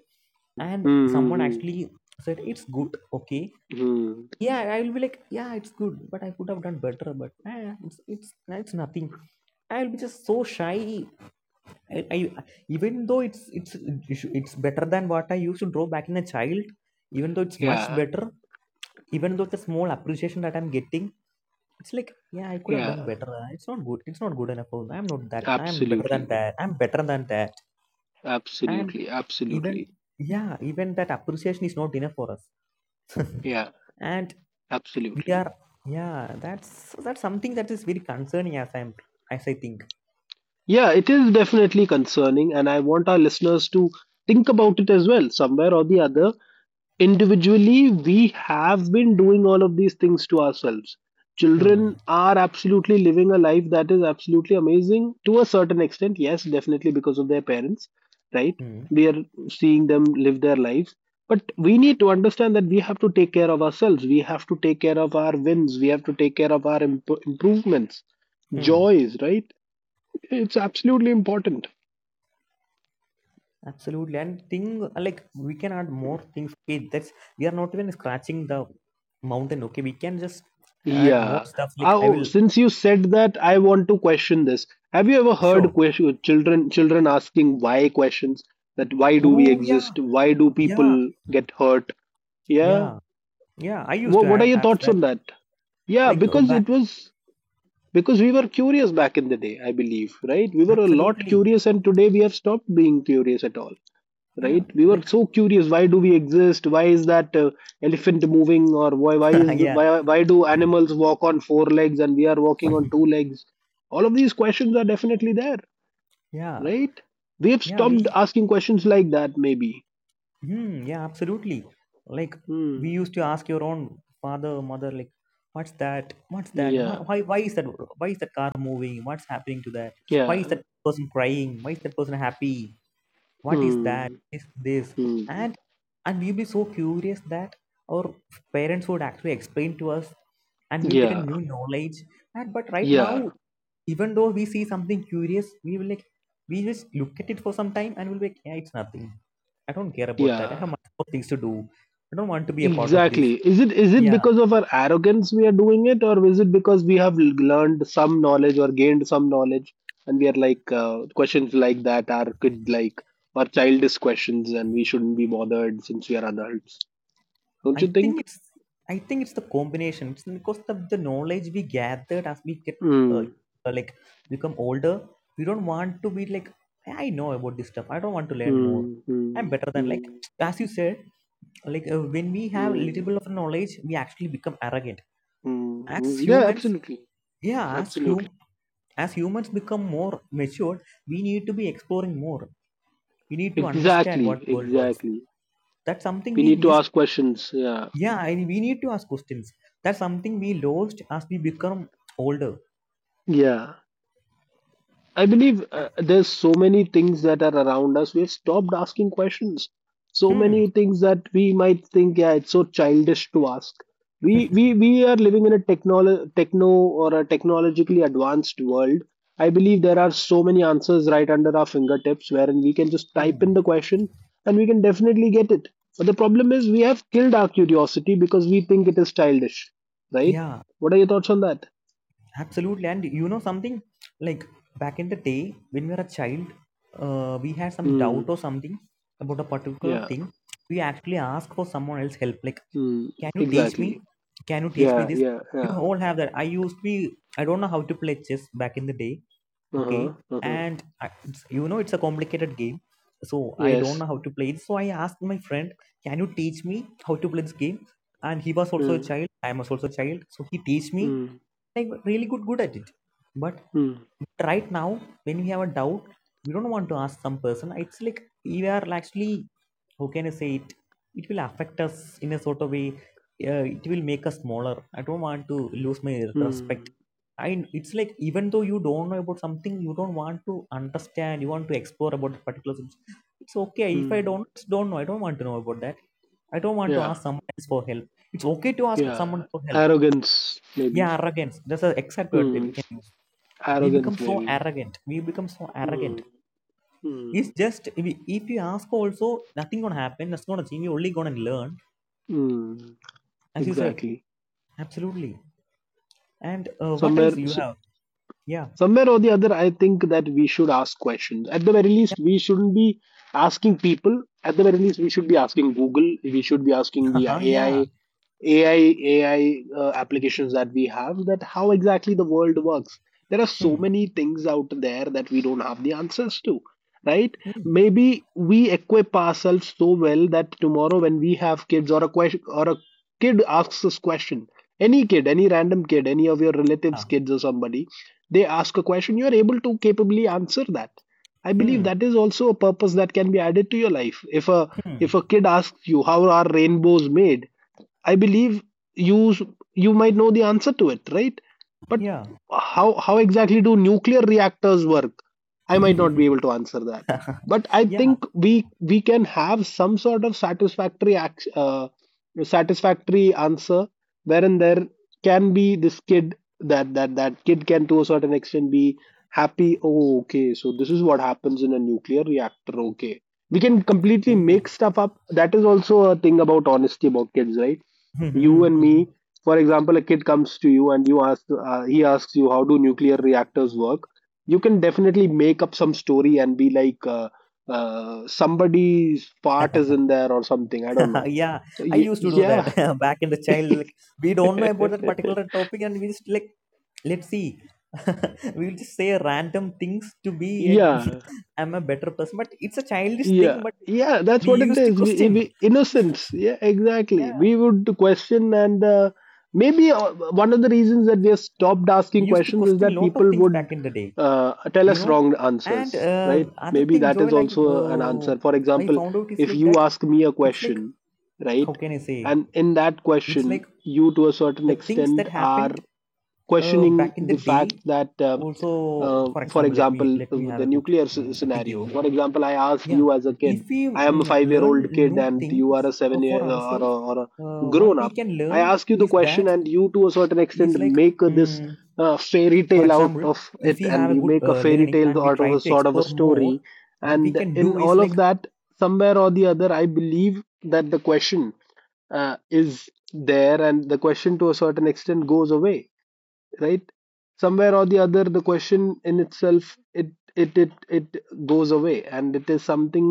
[SPEAKER 2] and
[SPEAKER 1] Mm.
[SPEAKER 2] someone
[SPEAKER 1] Mm.
[SPEAKER 2] actually said it's good, okay,
[SPEAKER 1] Mm.
[SPEAKER 2] yeah, I will be like, yeah, it's good, but I could have done better. But it's nothing. I'll be just so shy. I, even though it's better than what I used to draw back in a child, even though it's much
[SPEAKER 1] Yeah.
[SPEAKER 2] better, even though the small appreciation that I'm getting, it's like, yeah, I could have done
[SPEAKER 1] Yeah.
[SPEAKER 2] better. It's not good. It's not good enough. I'm not that. I'm better than
[SPEAKER 1] Absolutely.
[SPEAKER 2] that. I'm better than that. And
[SPEAKER 1] Absolutely.
[SPEAKER 2] even,
[SPEAKER 1] Absolutely.
[SPEAKER 2] yeah, even that appreciation is not enough for us.
[SPEAKER 1] Yeah.
[SPEAKER 2] And we
[SPEAKER 1] Absolutely.
[SPEAKER 2] are, yeah, that's something that is very concerning, as I'm as I think.
[SPEAKER 1] Yeah. It is definitely concerning, and I want our listeners to think about it as well. Somewhere or the other, individually, we have been doing all of these things to ourselves. Children
[SPEAKER 2] Hmm.
[SPEAKER 1] are absolutely living a life that is absolutely amazing to a certain extent. Yes, definitely, because of their parents, right?
[SPEAKER 2] Hmm.
[SPEAKER 1] We are seeing them live their lives. But we need to understand that we have to take care of ourselves. We have to take care of our wins. We have to take care of our improvements,
[SPEAKER 2] Hmm.
[SPEAKER 1] joys, right? It's absolutely important.
[SPEAKER 2] Absolutely. And thing like, we can add more things. Okay, that's, we are not even scratching the mountain. Okay, we can just add more
[SPEAKER 1] Yeah.
[SPEAKER 2] stuff. Like, I
[SPEAKER 1] Oh,
[SPEAKER 2] will
[SPEAKER 1] since you said that, I want to question this. Have you ever
[SPEAKER 2] show.
[SPEAKER 1] heard children asking why questions? That why do we
[SPEAKER 2] Oh, yeah.
[SPEAKER 1] exist? Why do
[SPEAKER 2] Yeah,
[SPEAKER 1] people get hurt? Yeah.
[SPEAKER 2] yeah, yeah. I used
[SPEAKER 1] What
[SPEAKER 2] to
[SPEAKER 1] what are your
[SPEAKER 2] ask
[SPEAKER 1] thoughts
[SPEAKER 2] that.
[SPEAKER 1] on that? Yeah,
[SPEAKER 2] Like, oh,
[SPEAKER 1] because
[SPEAKER 2] back.
[SPEAKER 1] it was because we were curious back in the day, I believe, right? We were a lot
[SPEAKER 2] Absolutely.
[SPEAKER 1] curious, and today we have stopped being curious at all,
[SPEAKER 2] Yeah,
[SPEAKER 1] right? We were
[SPEAKER 2] like,
[SPEAKER 1] so curious. Why do we exist? Why is that elephant moving? Or why is
[SPEAKER 2] yeah,
[SPEAKER 1] why do animals walk on four legs and we are walking on two legs? All of these questions are definitely there,
[SPEAKER 2] yeah,
[SPEAKER 1] right? We have
[SPEAKER 2] yeah.
[SPEAKER 1] stopped
[SPEAKER 2] We,
[SPEAKER 1] asking questions like that, maybe.
[SPEAKER 2] hmm, yeah, absolutely. Like, we
[SPEAKER 1] Hmm.
[SPEAKER 2] used to ask your own father, mother, like, what's that? What's that? Why,
[SPEAKER 1] Yeah,
[SPEAKER 2] why, why is that? Why is that car moving? What's happening to that? Why is
[SPEAKER 1] yeah.
[SPEAKER 2] that person crying? Why is that person happy? What is that?
[SPEAKER 1] Hmm.
[SPEAKER 2] Is this?
[SPEAKER 1] Hmm.
[SPEAKER 2] And and we'll be so curious that our parents would actually explain to us, and we'll get a
[SPEAKER 1] Yeah,
[SPEAKER 2] new knowledge. And but right
[SPEAKER 1] yeah,
[SPEAKER 2] now, even though we see something curious, we will, like, we just look at it for some time, and we'll be like, yeah, it's nothing. I don't care about that. I
[SPEAKER 1] yeah.
[SPEAKER 2] have much more things to do. I don't want to be a part of
[SPEAKER 1] Exactly.
[SPEAKER 2] this.
[SPEAKER 1] Is it
[SPEAKER 2] Yeah.
[SPEAKER 1] because of our arrogance we are doing it, or is it because we have learned some knowledge or gained some knowledge, and we are like questions like that are could like or childish questions, and we shouldn't be bothered since we are adults. Don't
[SPEAKER 2] I
[SPEAKER 1] you think?
[SPEAKER 2] think it's I think it's the combination. It's because the knowledge we gathered, as we get uh,
[SPEAKER 1] Mm,
[SPEAKER 2] like, become older, we don't want to be like, "Yeah, I know about this stuff. I don't want to learn more.
[SPEAKER 1] mm,
[SPEAKER 2] I'm
[SPEAKER 1] mm,
[SPEAKER 2] better than," like,
[SPEAKER 1] mm,
[SPEAKER 2] as you said. Like, when we have little
[SPEAKER 1] mm,
[SPEAKER 2] bit of knowledge, we actually become arrogant.
[SPEAKER 1] mm,
[SPEAKER 2] As
[SPEAKER 1] mm. Yeah,
[SPEAKER 2] humans,
[SPEAKER 1] absolutely,
[SPEAKER 2] yeah, as
[SPEAKER 1] absolutely.
[SPEAKER 2] hum as humans become more matured, we need to be exploring more. We need to understand what
[SPEAKER 1] Exactly,
[SPEAKER 2] world works.
[SPEAKER 1] exactly.
[SPEAKER 2] That's something
[SPEAKER 1] We
[SPEAKER 2] we
[SPEAKER 1] need to
[SPEAKER 2] missed.
[SPEAKER 1] ask questions. Yeah,
[SPEAKER 2] Yeah, we need to ask questions. That's something we lost as we become older.
[SPEAKER 1] yeah. I believe there's so many things that are around us. We've stopped asking questions. So
[SPEAKER 2] Hmm.
[SPEAKER 1] many things that we might think, yeah, it's so childish to ask. We are living in a technolo techno or a technologically advanced world. I believe there are so many answers right under our fingertips, wherein we can just type in the
[SPEAKER 2] Hmm.
[SPEAKER 1] question and we can definitely get it. But the problem is we have killed our curiosity because we think it is childish, right?
[SPEAKER 2] Yeah,
[SPEAKER 1] What are your thoughts on that?
[SPEAKER 2] absolutely. And you know something, like back in the day when we were a child, we had some doubt
[SPEAKER 1] Hmm.
[SPEAKER 2] or something about a particular
[SPEAKER 1] Yeah.
[SPEAKER 2] thing. We actually ask for someone else's help. Like,
[SPEAKER 1] Hmm.
[SPEAKER 2] can you teach me?
[SPEAKER 1] Exactly.
[SPEAKER 2] Can you teach me
[SPEAKER 1] Yeah,
[SPEAKER 2] this?
[SPEAKER 1] yeah,
[SPEAKER 2] You
[SPEAKER 1] yeah.
[SPEAKER 2] all have that. I used to be. I don't know how to play chess back in the day, okay,
[SPEAKER 1] Uh-huh, uh-huh.
[SPEAKER 2] and you know, it's a complicated game, so I don't
[SPEAKER 1] Yes.
[SPEAKER 2] know how to play it, so I asked my friend, can you teach me how to play this game? And he was also a
[SPEAKER 1] Mm,
[SPEAKER 2] child, I was also a child, so he teach me,
[SPEAKER 1] mm,
[SPEAKER 2] like, really good at it. But
[SPEAKER 1] mm,
[SPEAKER 2] right now, when we have a doubt, we don't want to ask some person. It's like we are actually, how can I say it? It will affect us in a sort of way. It will make us smaller. I don't want to lose my respect.
[SPEAKER 1] mm,
[SPEAKER 2] I It's like, even though you don't know about something, you don't want to understand. You want to explore about the particular subject. It's okay if I
[SPEAKER 1] mm.
[SPEAKER 2] don't know. I don't want to know about that. I don't want to
[SPEAKER 1] Yeah,
[SPEAKER 2] ask someone else for help. It's okay to ask someone
[SPEAKER 1] yeah.
[SPEAKER 2] for help.
[SPEAKER 1] Arrogance, maybe.
[SPEAKER 2] Yeah, arrogance. That's the exact word they
[SPEAKER 1] Mm,
[SPEAKER 2] can use. We become
[SPEAKER 1] arrogance,
[SPEAKER 2] so
[SPEAKER 1] maybe.
[SPEAKER 2] arrogant. We become so
[SPEAKER 1] Mm,
[SPEAKER 2] arrogant. It's
[SPEAKER 1] mm,
[SPEAKER 2] just, if you ask also, nothing gonna happen. That's gonna change. You're only gonna learn,
[SPEAKER 1] mm.
[SPEAKER 2] as you said.
[SPEAKER 1] Exactly.
[SPEAKER 2] Absolutely. And what else
[SPEAKER 1] Somewhere,
[SPEAKER 2] do you have? Yeah,
[SPEAKER 1] somewhere or the other, I think that we should ask questions. At the very
[SPEAKER 2] yeah.
[SPEAKER 1] least, we shouldn't be asking people. At the very least, we should be asking Google. We should be asking the
[SPEAKER 2] Uh-huh, yeah.
[SPEAKER 1] AI. AI applications that we have that how exactly the world works. There are so
[SPEAKER 2] Hmm.
[SPEAKER 1] many things out there that we don't have the answers to, right?
[SPEAKER 2] Hmm.
[SPEAKER 1] Maybe we equip ourselves so well that tomorrow when we have kids or a question or a kid asks us question, any kid, any random kid, any of your relatives'
[SPEAKER 2] Yeah.
[SPEAKER 1] kids or somebody, they ask a question, you are able to capably answer that. I believe
[SPEAKER 2] Hmm.
[SPEAKER 1] that is also a purpose that can be added to your life. If a
[SPEAKER 2] Hmm.
[SPEAKER 1] if a kid asks you how are rainbows made, I believe you s- you might know the answer to it, right? But
[SPEAKER 2] Yeah.
[SPEAKER 1] how exactly do nuclear reactors work? I might not be able to answer that. But I
[SPEAKER 2] Yeah.
[SPEAKER 1] think we can have some sort of satisfactory satisfactory answer, wherein there can be this kid that that kid can to a certain extent be happy. Oh, okay. So this is what happens in a nuclear reactor. Okay, we can completely make
[SPEAKER 2] Oh.
[SPEAKER 1] stuff up. That is also a thing about honesty about kids, right? You and me, for example, a kid comes to you and you ask he asks you, how do nuclear reactors work? You can definitely make up some story and be like somebody's fart is in there or something, I don't know.
[SPEAKER 2] Yeah,
[SPEAKER 1] So,
[SPEAKER 2] I used to do that.
[SPEAKER 1] yeah.
[SPEAKER 2] Back in the child, like, we don't know about that particular topic, and we just, like, let's see, we'll just say random things to be a,
[SPEAKER 1] Yeah.
[SPEAKER 2] I'm a better person. But it's a childish thing,
[SPEAKER 1] Yeah,
[SPEAKER 2] but
[SPEAKER 1] yeah, that's
[SPEAKER 2] we
[SPEAKER 1] what it
[SPEAKER 2] used to
[SPEAKER 1] is. We,
[SPEAKER 2] question.
[SPEAKER 1] we innocence. Yeah, exactly.
[SPEAKER 2] Yeah,
[SPEAKER 1] We would question, and maybe one of the reasons that we have stopped
[SPEAKER 2] we
[SPEAKER 1] asking
[SPEAKER 2] used to
[SPEAKER 1] questions is
[SPEAKER 2] question a
[SPEAKER 1] that
[SPEAKER 2] lot of
[SPEAKER 1] people
[SPEAKER 2] things
[SPEAKER 1] would
[SPEAKER 2] back in the day
[SPEAKER 1] tell
[SPEAKER 2] you
[SPEAKER 1] us
[SPEAKER 2] know
[SPEAKER 1] wrong
[SPEAKER 2] and
[SPEAKER 1] answers, right?
[SPEAKER 2] other
[SPEAKER 1] Maybe
[SPEAKER 2] thing,
[SPEAKER 1] that is
[SPEAKER 2] Joel,
[SPEAKER 1] also an
[SPEAKER 2] uh,
[SPEAKER 1] answer. For
[SPEAKER 2] I
[SPEAKER 1] example,
[SPEAKER 2] found out is,
[SPEAKER 1] if
[SPEAKER 2] like,
[SPEAKER 1] you
[SPEAKER 2] that
[SPEAKER 1] ask me a
[SPEAKER 2] it's like,
[SPEAKER 1] question,
[SPEAKER 2] how
[SPEAKER 1] right,
[SPEAKER 2] can I say,
[SPEAKER 1] and in that
[SPEAKER 2] it's
[SPEAKER 1] question,
[SPEAKER 2] like,
[SPEAKER 1] you to a certain
[SPEAKER 2] the things
[SPEAKER 1] extent
[SPEAKER 2] that
[SPEAKER 1] are
[SPEAKER 2] happened
[SPEAKER 1] questioning
[SPEAKER 2] back in the
[SPEAKER 1] the fact
[SPEAKER 2] day
[SPEAKER 1] that,
[SPEAKER 2] also. For
[SPEAKER 1] for
[SPEAKER 2] example, let me
[SPEAKER 1] example,
[SPEAKER 2] let me have
[SPEAKER 1] the
[SPEAKER 2] a good
[SPEAKER 1] nuclear scenario.
[SPEAKER 2] thinking. Like,
[SPEAKER 1] For example, I asked
[SPEAKER 2] yeah,
[SPEAKER 1] you as a
[SPEAKER 2] if
[SPEAKER 1] kid,
[SPEAKER 2] we
[SPEAKER 1] I am a five year
[SPEAKER 2] learn
[SPEAKER 1] old kid,
[SPEAKER 2] new
[SPEAKER 1] and you are
[SPEAKER 2] things
[SPEAKER 1] a seven
[SPEAKER 2] for
[SPEAKER 1] year
[SPEAKER 2] ourselves,
[SPEAKER 1] or a
[SPEAKER 2] what
[SPEAKER 1] grown
[SPEAKER 2] we
[SPEAKER 1] up.
[SPEAKER 2] can
[SPEAKER 1] I
[SPEAKER 2] learn
[SPEAKER 1] ask you the
[SPEAKER 2] is
[SPEAKER 1] question,
[SPEAKER 2] that,
[SPEAKER 1] and you to a certain extent
[SPEAKER 2] is like,
[SPEAKER 1] make this
[SPEAKER 2] mm,
[SPEAKER 1] fairy
[SPEAKER 2] for
[SPEAKER 1] tale out
[SPEAKER 2] example,
[SPEAKER 1] of
[SPEAKER 2] if
[SPEAKER 1] it,
[SPEAKER 2] we have
[SPEAKER 1] and
[SPEAKER 2] a
[SPEAKER 1] you
[SPEAKER 2] good
[SPEAKER 1] make a fairy
[SPEAKER 2] learning
[SPEAKER 1] tale
[SPEAKER 2] and we
[SPEAKER 1] out of
[SPEAKER 2] try
[SPEAKER 1] a
[SPEAKER 2] to
[SPEAKER 1] sort of a
[SPEAKER 2] explore more,
[SPEAKER 1] story.
[SPEAKER 2] what we
[SPEAKER 1] And
[SPEAKER 2] can
[SPEAKER 1] in
[SPEAKER 2] do is,
[SPEAKER 1] all of
[SPEAKER 2] like,
[SPEAKER 1] that, somewhere or the other, I believe that the question is there, and the question to a certain extent goes away, right? Somewhere or the other, the question in itself, it goes away, and it is something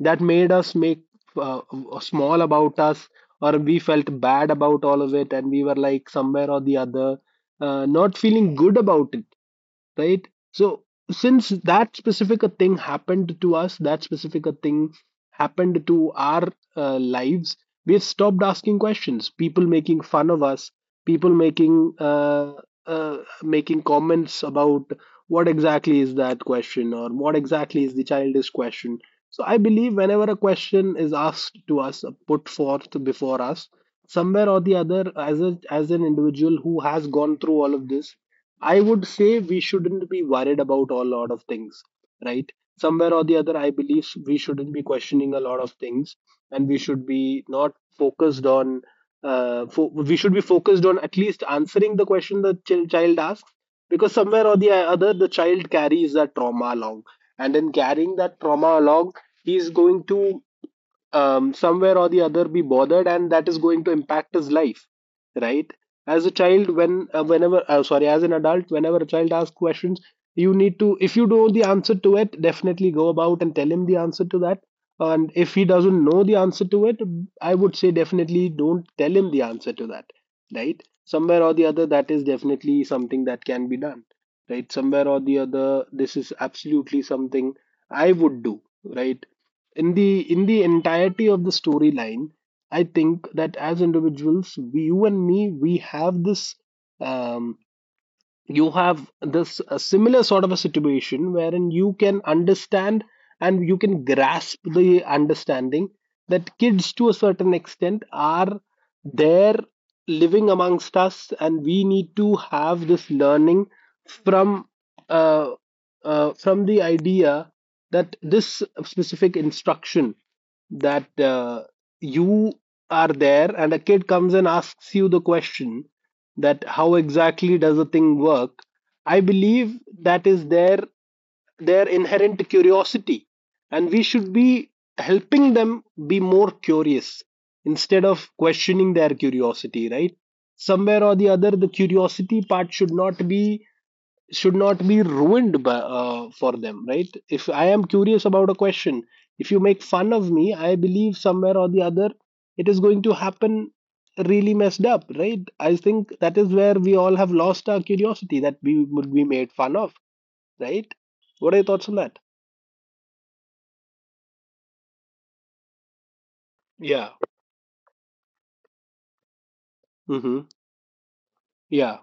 [SPEAKER 1] that made us make uh, small about us, or we felt bad about all of it, and we were like somewhere or the other not feeling good about it, right? So since that specific a thing happened to us, that specific a thing happened to our lives, we've stopped asking questions. People making fun of us, people making making comments about what exactly is that question or what exactly is the childish question. So I believe whenever a question is asked to us, put forth before us, somewhere or the other, as a as an individual who has gone through all of this, I would say we shouldn't be worried about all lot of things, right? Somewhere or the other, I believe we shouldn't be questioning a lot of things, and we should be not focused on we should be focused on at least answering the question the child asks, because somewhere or the other, the child carries that trauma along, and in carrying that trauma along, he is going to somewhere or the other be bothered, and that is going to impact his life, right? As a child, when whenever sorry, as an adult, whenever a child asks questions, you need to, if you know the answer to it, definitely go about and tell him the answer to that. And if he doesn't know the answer to it, I would say definitely don't tell him the answer to that, right? Somewhere or the other, that is definitely something that can be done, right? Somewhere or the other, this is absolutely something I would do, right? In the entirety of the storyline, I think that as individuals, we, you and me, we have this um, you have this a similar sort of a situation, wherein you can understand and you can grasp the understanding that kids to a certain extent are there living amongst us, and we need to have this learning from uh, from the idea that this specific instruction that you are there and a kid comes and asks you the question that how exactly does a thing work. I believe that is their inherent curiosity, and we should be helping them be more curious instead of questioning their curiosity, right? Somewhere or the other, the curiosity part should not be ruined for them, right? If I am curious about a question, if you make fun of me, I believe somewhere or the other it is going to happen really messed up, right? I think that is where we all have lost our curiosity, that we would be made fun of, right? What are your thoughts on that? Yeah. Hmm. Yeah,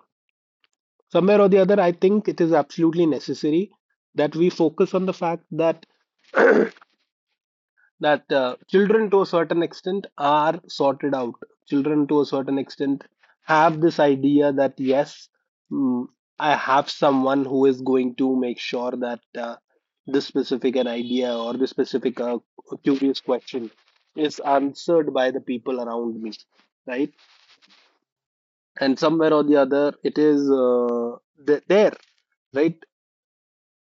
[SPEAKER 1] somewhere or the other, I think it is absolutely necessary that we focus on the fact that children to a certain extent are sorted out. Children to a certain extent have this idea that yes, mm, I have someone who is going to make sure that this specific an idea or this specific curious question is answered by the people around me, right? And somewhere or the other, it is there, right?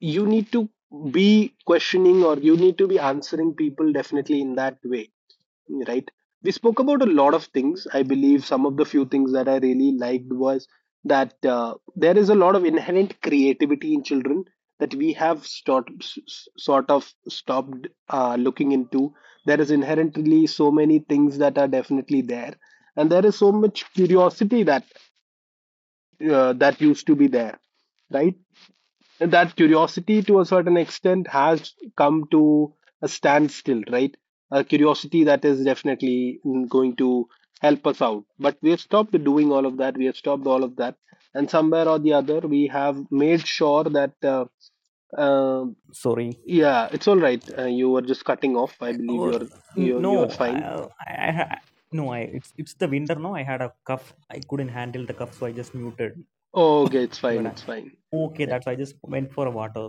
[SPEAKER 1] You need to be questioning, or you need to be answering people definitely in that way, right? We spoke about a lot of things. I believe some of the few things that I really liked was that there is a lot of inherent creativity in children that we have sort of stopped looking into. There is inherently so many things that are definitely there, and there is so much curiosity that that used to be there, right? That curiosity to a certain extent has come to a standstill, right? A curiosity that is definitely going to help us out. But we have stopped doing all of that. We have stopped all of that. And somewhere or the other, we have made sure that, uh,
[SPEAKER 2] sorry.
[SPEAKER 1] yeah, it's all right. You were just cutting off. I believe
[SPEAKER 2] Oh,
[SPEAKER 1] you're
[SPEAKER 2] no.
[SPEAKER 1] fine.
[SPEAKER 2] I, no, I it's the winter. No, I had a cough. I couldn't handle the cough, so I just muted.
[SPEAKER 1] Oh, okay, it's
[SPEAKER 2] See what
[SPEAKER 1] fine. It's fine.
[SPEAKER 2] okay,
[SPEAKER 1] Yeah.
[SPEAKER 2] that's why I just went for a water.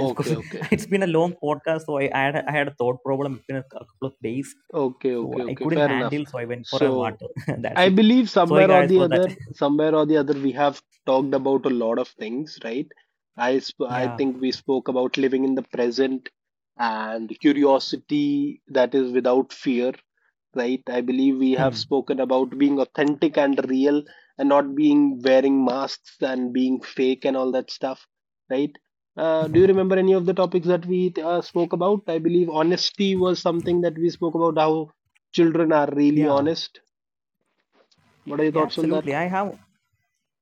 [SPEAKER 2] It's 'cause
[SPEAKER 1] okay,
[SPEAKER 2] it's been a long podcast. So I had a thought problem. It's been a couple of days,
[SPEAKER 1] okay,
[SPEAKER 2] so
[SPEAKER 1] okay,
[SPEAKER 2] I
[SPEAKER 1] okay.
[SPEAKER 2] couldn't
[SPEAKER 1] Fair enough.
[SPEAKER 2] handle, so I went for a
[SPEAKER 1] So
[SPEAKER 2] water. That's
[SPEAKER 1] I
[SPEAKER 2] it.
[SPEAKER 1] believe
[SPEAKER 2] Sorry, guys, for that.
[SPEAKER 1] somewhere or the other, we have talked about a lot of things, right? I
[SPEAKER 2] Yeah.
[SPEAKER 1] think we spoke about living in the present and curiosity that is without fear, right? I believe we have
[SPEAKER 2] Hmm.
[SPEAKER 1] spoken about being authentic and real and not being wearing masks and being fake and all that stuff, right? Do you remember any of the topics that we spoke about? I believe honesty was something that we spoke about, how children are really
[SPEAKER 2] Yeah,
[SPEAKER 1] honest. What are your
[SPEAKER 2] yeah,
[SPEAKER 1] thoughts on that?
[SPEAKER 2] absolutely. i have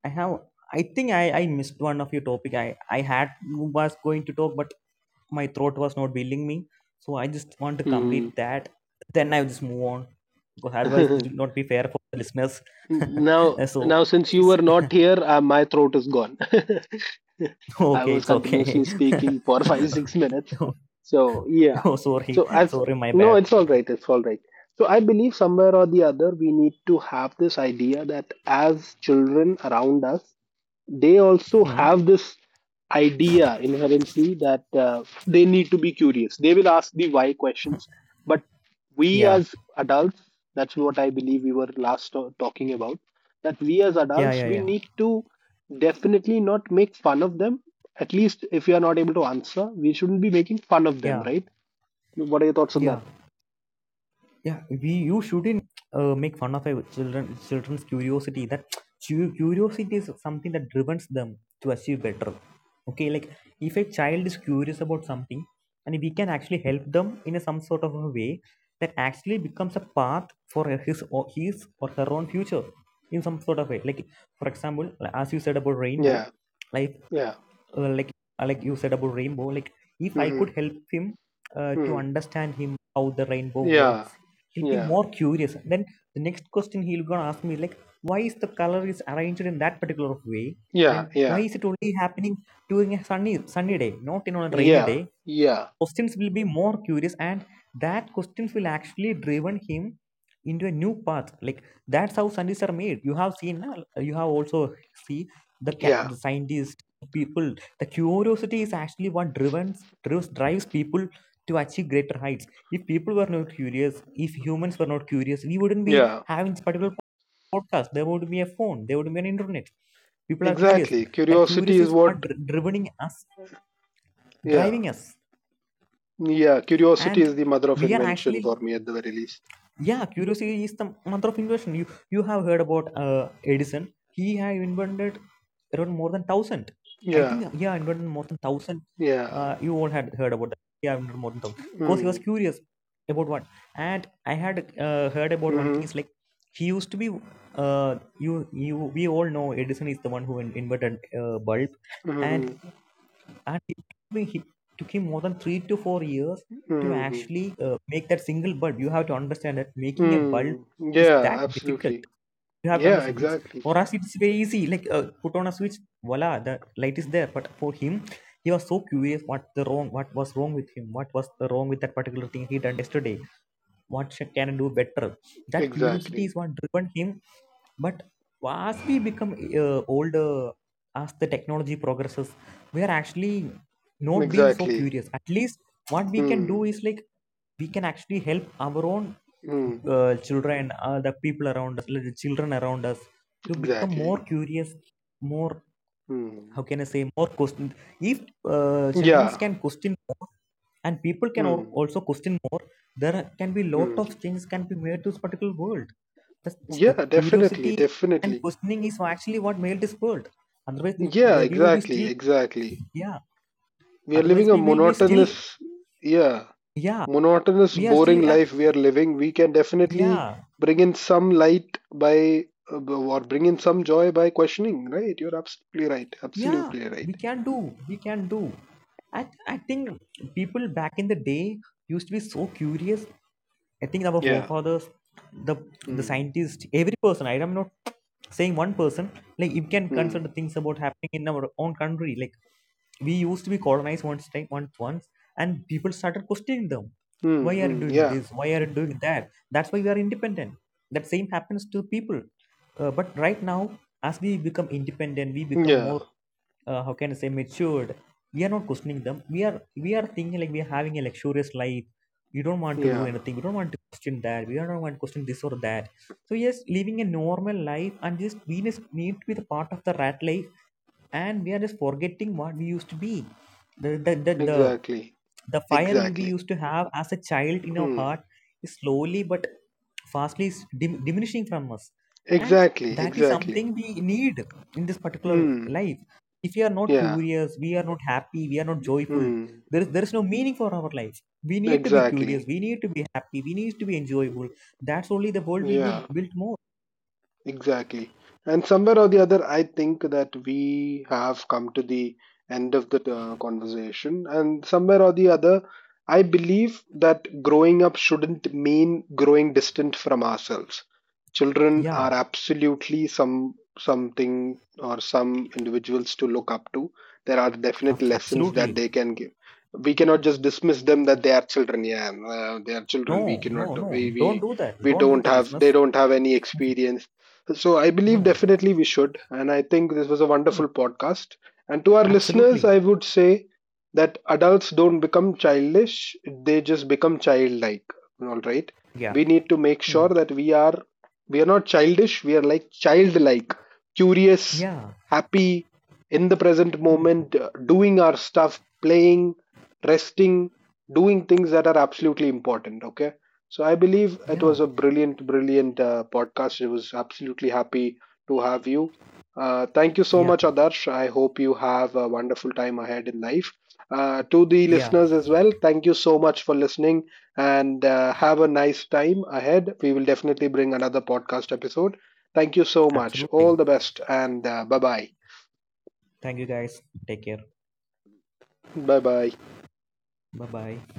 [SPEAKER 2] i have i think i i missed one of your topic. I i had was going to talk, but my throat was not building me, so I just want to
[SPEAKER 1] Hmm.
[SPEAKER 2] complete that, then I'll just move on, because otherwise it will not be fair for the listeners.
[SPEAKER 1] Now,
[SPEAKER 2] So
[SPEAKER 1] since you
[SPEAKER 2] it's
[SPEAKER 1] were not here, my throat is gone. I
[SPEAKER 2] okay,
[SPEAKER 1] was
[SPEAKER 2] it's okay.
[SPEAKER 1] continuously speaking for 5-6 minutes. So yeah.
[SPEAKER 2] Oh, sorry,
[SPEAKER 1] So I've,
[SPEAKER 2] sorry, my
[SPEAKER 1] no,
[SPEAKER 2] bad.
[SPEAKER 1] it's all right. It's all right. So I believe somewhere or the other, we need to have this idea that as children around us, they also
[SPEAKER 2] Hmm.
[SPEAKER 1] have this idea inherently that they need to be curious. They will ask the why questions, but we
[SPEAKER 2] Yeah,
[SPEAKER 1] as adults, that's what I believe we were last talking about, that we as
[SPEAKER 2] yeah,
[SPEAKER 1] adults,
[SPEAKER 2] yeah,
[SPEAKER 1] we
[SPEAKER 2] yeah,
[SPEAKER 1] need to definitely not make fun of them. At least if we are not able to answer, we shouldn't be making fun of them,
[SPEAKER 2] yeah,
[SPEAKER 1] right? What are your thoughts on
[SPEAKER 2] yeah,
[SPEAKER 1] that?
[SPEAKER 2] yeah. We you shouldn't make fun of a children's curiosity. That curiosity is something that drives them to achieve better. Okay, like, if a child is curious about something, and we can actually help them in some sort of a way, that actually becomes a path for his or her own future, in some sort of way. Like, for example, like as you said about rainbow,
[SPEAKER 1] Yeah,
[SPEAKER 2] like
[SPEAKER 1] yeah.
[SPEAKER 2] uh, like like you said about rainbow, like, if I could help him to
[SPEAKER 1] Hmm.
[SPEAKER 2] understand him how the rainbow
[SPEAKER 1] Yeah,
[SPEAKER 2] works, he'll be
[SPEAKER 1] yeah,
[SPEAKER 2] more curious. Then the next question he'll gonna ask me, like, why is the color is arranged in that particular way? Then
[SPEAKER 1] yeah,
[SPEAKER 2] why
[SPEAKER 1] yeah,
[SPEAKER 2] is it only happening during a sunny day, not in on a rainy day?
[SPEAKER 1] yeah, yeah,
[SPEAKER 2] Questions will be more curious, and that questions will actually driven him into a new path. Like, that's how scientists are made. You have seen, na, you have also see the, ca-
[SPEAKER 1] yeah,
[SPEAKER 2] the scientists people. The curiosity is actually what drives people to achieve greater heights. If people were not curious, if humans were not curious, we wouldn't be
[SPEAKER 1] yeah.
[SPEAKER 2] having this particular podcast. There would be a phone, there would be an internet. People are curious.
[SPEAKER 1] Exactly.
[SPEAKER 2] That
[SPEAKER 1] Curiosity
[SPEAKER 2] curious
[SPEAKER 1] is
[SPEAKER 2] is what
[SPEAKER 1] what.
[SPEAKER 2] dri- drivening us
[SPEAKER 1] Yeah.
[SPEAKER 2] driving us.
[SPEAKER 1] Yeah. Curiosity
[SPEAKER 2] And
[SPEAKER 1] is the mother of
[SPEAKER 2] we are
[SPEAKER 1] invention
[SPEAKER 2] actually,
[SPEAKER 1] for me at the very least.
[SPEAKER 2] yeah, curiosity is the mother of invention. You have heard about Edison. He had invented around more than 1000, I
[SPEAKER 1] Yeah.
[SPEAKER 2] think, yeah, invented more than 1000,
[SPEAKER 1] Yeah.
[SPEAKER 2] you all had heard about that. Yeah, invented more than 1000 because he Was
[SPEAKER 1] Mm.
[SPEAKER 2] curious about what. And I had heard about one
[SPEAKER 1] Mm-hmm.
[SPEAKER 2] thing is like he used to be you you we all know Edison is the one who invented bulb, and
[SPEAKER 1] Mm-hmm.
[SPEAKER 2] and it took him more than 3 to 4 years to
[SPEAKER 1] Mm-hmm.
[SPEAKER 2] actually make that single bulb. You have to understand that making a bulb
[SPEAKER 1] Mm.
[SPEAKER 2] is
[SPEAKER 1] Yeah,
[SPEAKER 2] that difficult.
[SPEAKER 1] absolutely.
[SPEAKER 2] You have to
[SPEAKER 1] Yeah,
[SPEAKER 2] understand it's
[SPEAKER 1] exactly.
[SPEAKER 2] for us it's very easy. Like put on a switch, voila, the light is there. But for him, he was so curious what the wrong, what was wrong with him, what was the wrong with that particular thing he done yesterday. What can I do better? That curiosity is
[SPEAKER 1] Exactly.
[SPEAKER 2] what driven him. But as we become older, as the technology progresses, we are actually not being so
[SPEAKER 1] Exactly.
[SPEAKER 2] curious. At least what we can do
[SPEAKER 1] Mm.
[SPEAKER 2] is like we can actually help our own
[SPEAKER 1] Mm.
[SPEAKER 2] children, the people around us, like the children around us, to become more
[SPEAKER 1] Exactly.
[SPEAKER 2] curious, more,
[SPEAKER 1] Mm.
[SPEAKER 2] how can I say, more question. If children
[SPEAKER 1] Yeah.
[SPEAKER 2] can question more and people can
[SPEAKER 1] Mm.
[SPEAKER 2] also question more, there can be lot of
[SPEAKER 1] Mm.
[SPEAKER 2] changes can be made to this particular world. The
[SPEAKER 1] Yeah, definitely.
[SPEAKER 2] curiosity and
[SPEAKER 1] Definitely.
[SPEAKER 2] questioning is actually what made this world. Otherwise
[SPEAKER 1] Yeah, exactly. Exactly.
[SPEAKER 2] yeah
[SPEAKER 1] We are living a
[SPEAKER 2] we will be still,
[SPEAKER 1] monotonous, yeah,
[SPEAKER 2] yeah,
[SPEAKER 1] monotonous,
[SPEAKER 2] we are still,
[SPEAKER 1] boring
[SPEAKER 2] yeah,
[SPEAKER 1] life we are living. We can definitely
[SPEAKER 2] yeah,
[SPEAKER 1] bring in some light by or bring in some joy by questioning. Right? You're absolutely right.
[SPEAKER 2] yeah,
[SPEAKER 1] Absolutely
[SPEAKER 2] we
[SPEAKER 1] right.
[SPEAKER 2] can do, we can do. I think people back in the day used to be so curious. I think our
[SPEAKER 1] Yeah.
[SPEAKER 2] forefathers, the the
[SPEAKER 1] Hmm.
[SPEAKER 2] scientists, every person, I am not saying one person. Like you can
[SPEAKER 1] Hmm.
[SPEAKER 2] consider things about happening in our own country, like we used to be colonized once time, once, and people started questioning them, why
[SPEAKER 1] Hmm.
[SPEAKER 2] are you
[SPEAKER 1] Hmm.
[SPEAKER 2] doing
[SPEAKER 1] Yeah.
[SPEAKER 2] this, why are you doing that? That's why we are independent. That same happens to people. But right now as we become independent we become more,
[SPEAKER 1] Yeah.
[SPEAKER 2] how can I say, matured. We are not questioning them. We are thinking like we are having a luxurious life. We don't want to do
[SPEAKER 1] Yeah.
[SPEAKER 2] anything. We don't want to question that. We don't want to question this or that. So yes, living a normal life, and just we just need to be the part of the rat life, and we are just forgetting what we used to be. the the the,
[SPEAKER 1] Exactly.
[SPEAKER 2] the the fire you we
[SPEAKER 1] Exactly.
[SPEAKER 2] used to have as a child in our
[SPEAKER 1] Hmm.
[SPEAKER 2] heart is slowly but fastly is diminishing from us, and
[SPEAKER 1] Exactly.
[SPEAKER 2] that is
[SPEAKER 1] Exactly.
[SPEAKER 2] something we need in this particular
[SPEAKER 1] Hmm.
[SPEAKER 2] life. If we are not
[SPEAKER 1] Yeah.
[SPEAKER 2] curious, we are not happy, we are not joyful,
[SPEAKER 1] Hmm.
[SPEAKER 2] there is no meaning for our life. We need to be curious,
[SPEAKER 1] Exactly.
[SPEAKER 2] we need to be happy, we need to be enjoyable. That's only the world will be
[SPEAKER 1] Yeah.
[SPEAKER 2] built more.
[SPEAKER 1] Exactly. And somewhere or the other, I think that we have come to the end of the conversation. And somewhere or the other, I believe that growing up shouldn't mean growing distant from ourselves. Children are
[SPEAKER 2] Yeah,
[SPEAKER 1] absolutely something or some individuals to look up to. There are definite lessons
[SPEAKER 2] absolutely.
[SPEAKER 1] that they can give. We cannot just dismiss them that they are children. Yeah, they are
[SPEAKER 2] No,
[SPEAKER 1] children. We cannot.
[SPEAKER 2] no, no.
[SPEAKER 1] We
[SPEAKER 2] Don't
[SPEAKER 1] we
[SPEAKER 2] do that.
[SPEAKER 1] we
[SPEAKER 2] Don't do
[SPEAKER 1] don't
[SPEAKER 2] that,
[SPEAKER 1] have. They
[SPEAKER 2] listeners.
[SPEAKER 1] don't have any experience, so I believe
[SPEAKER 2] No.
[SPEAKER 1] definitely we should. And I think this was a
[SPEAKER 2] Hmm.
[SPEAKER 1] wonderful podcast. And to our listeners,
[SPEAKER 2] Absolutely.
[SPEAKER 1] I would say that adults don't become childish, they just become childlike. All right.
[SPEAKER 2] Yeah.
[SPEAKER 1] We need to make sure
[SPEAKER 2] Hmm.
[SPEAKER 1] that we are not childish, we are like childlike, curious,
[SPEAKER 2] Yeah.
[SPEAKER 1] happy, in the present
[SPEAKER 2] Hmm.
[SPEAKER 1] moment, doing our stuff, playing, resting, doing things that are absolutely important. Okay. So I believe it
[SPEAKER 2] Yeah.
[SPEAKER 1] was a brilliant podcast. I was absolutely happy to have you. Thank you so
[SPEAKER 2] Yeah.
[SPEAKER 1] much, Adarsh. I hope you have a wonderful time ahead in life. To the
[SPEAKER 2] Yeah.
[SPEAKER 1] listeners as well, thank you so much for listening, and have a nice time ahead. We will definitely bring another podcast episode. Thank you so much.
[SPEAKER 2] Absolutely.
[SPEAKER 1] All the best, and bye bye.
[SPEAKER 2] Thank you, guys. Take care.
[SPEAKER 1] Bye bye.
[SPEAKER 2] Bye bye.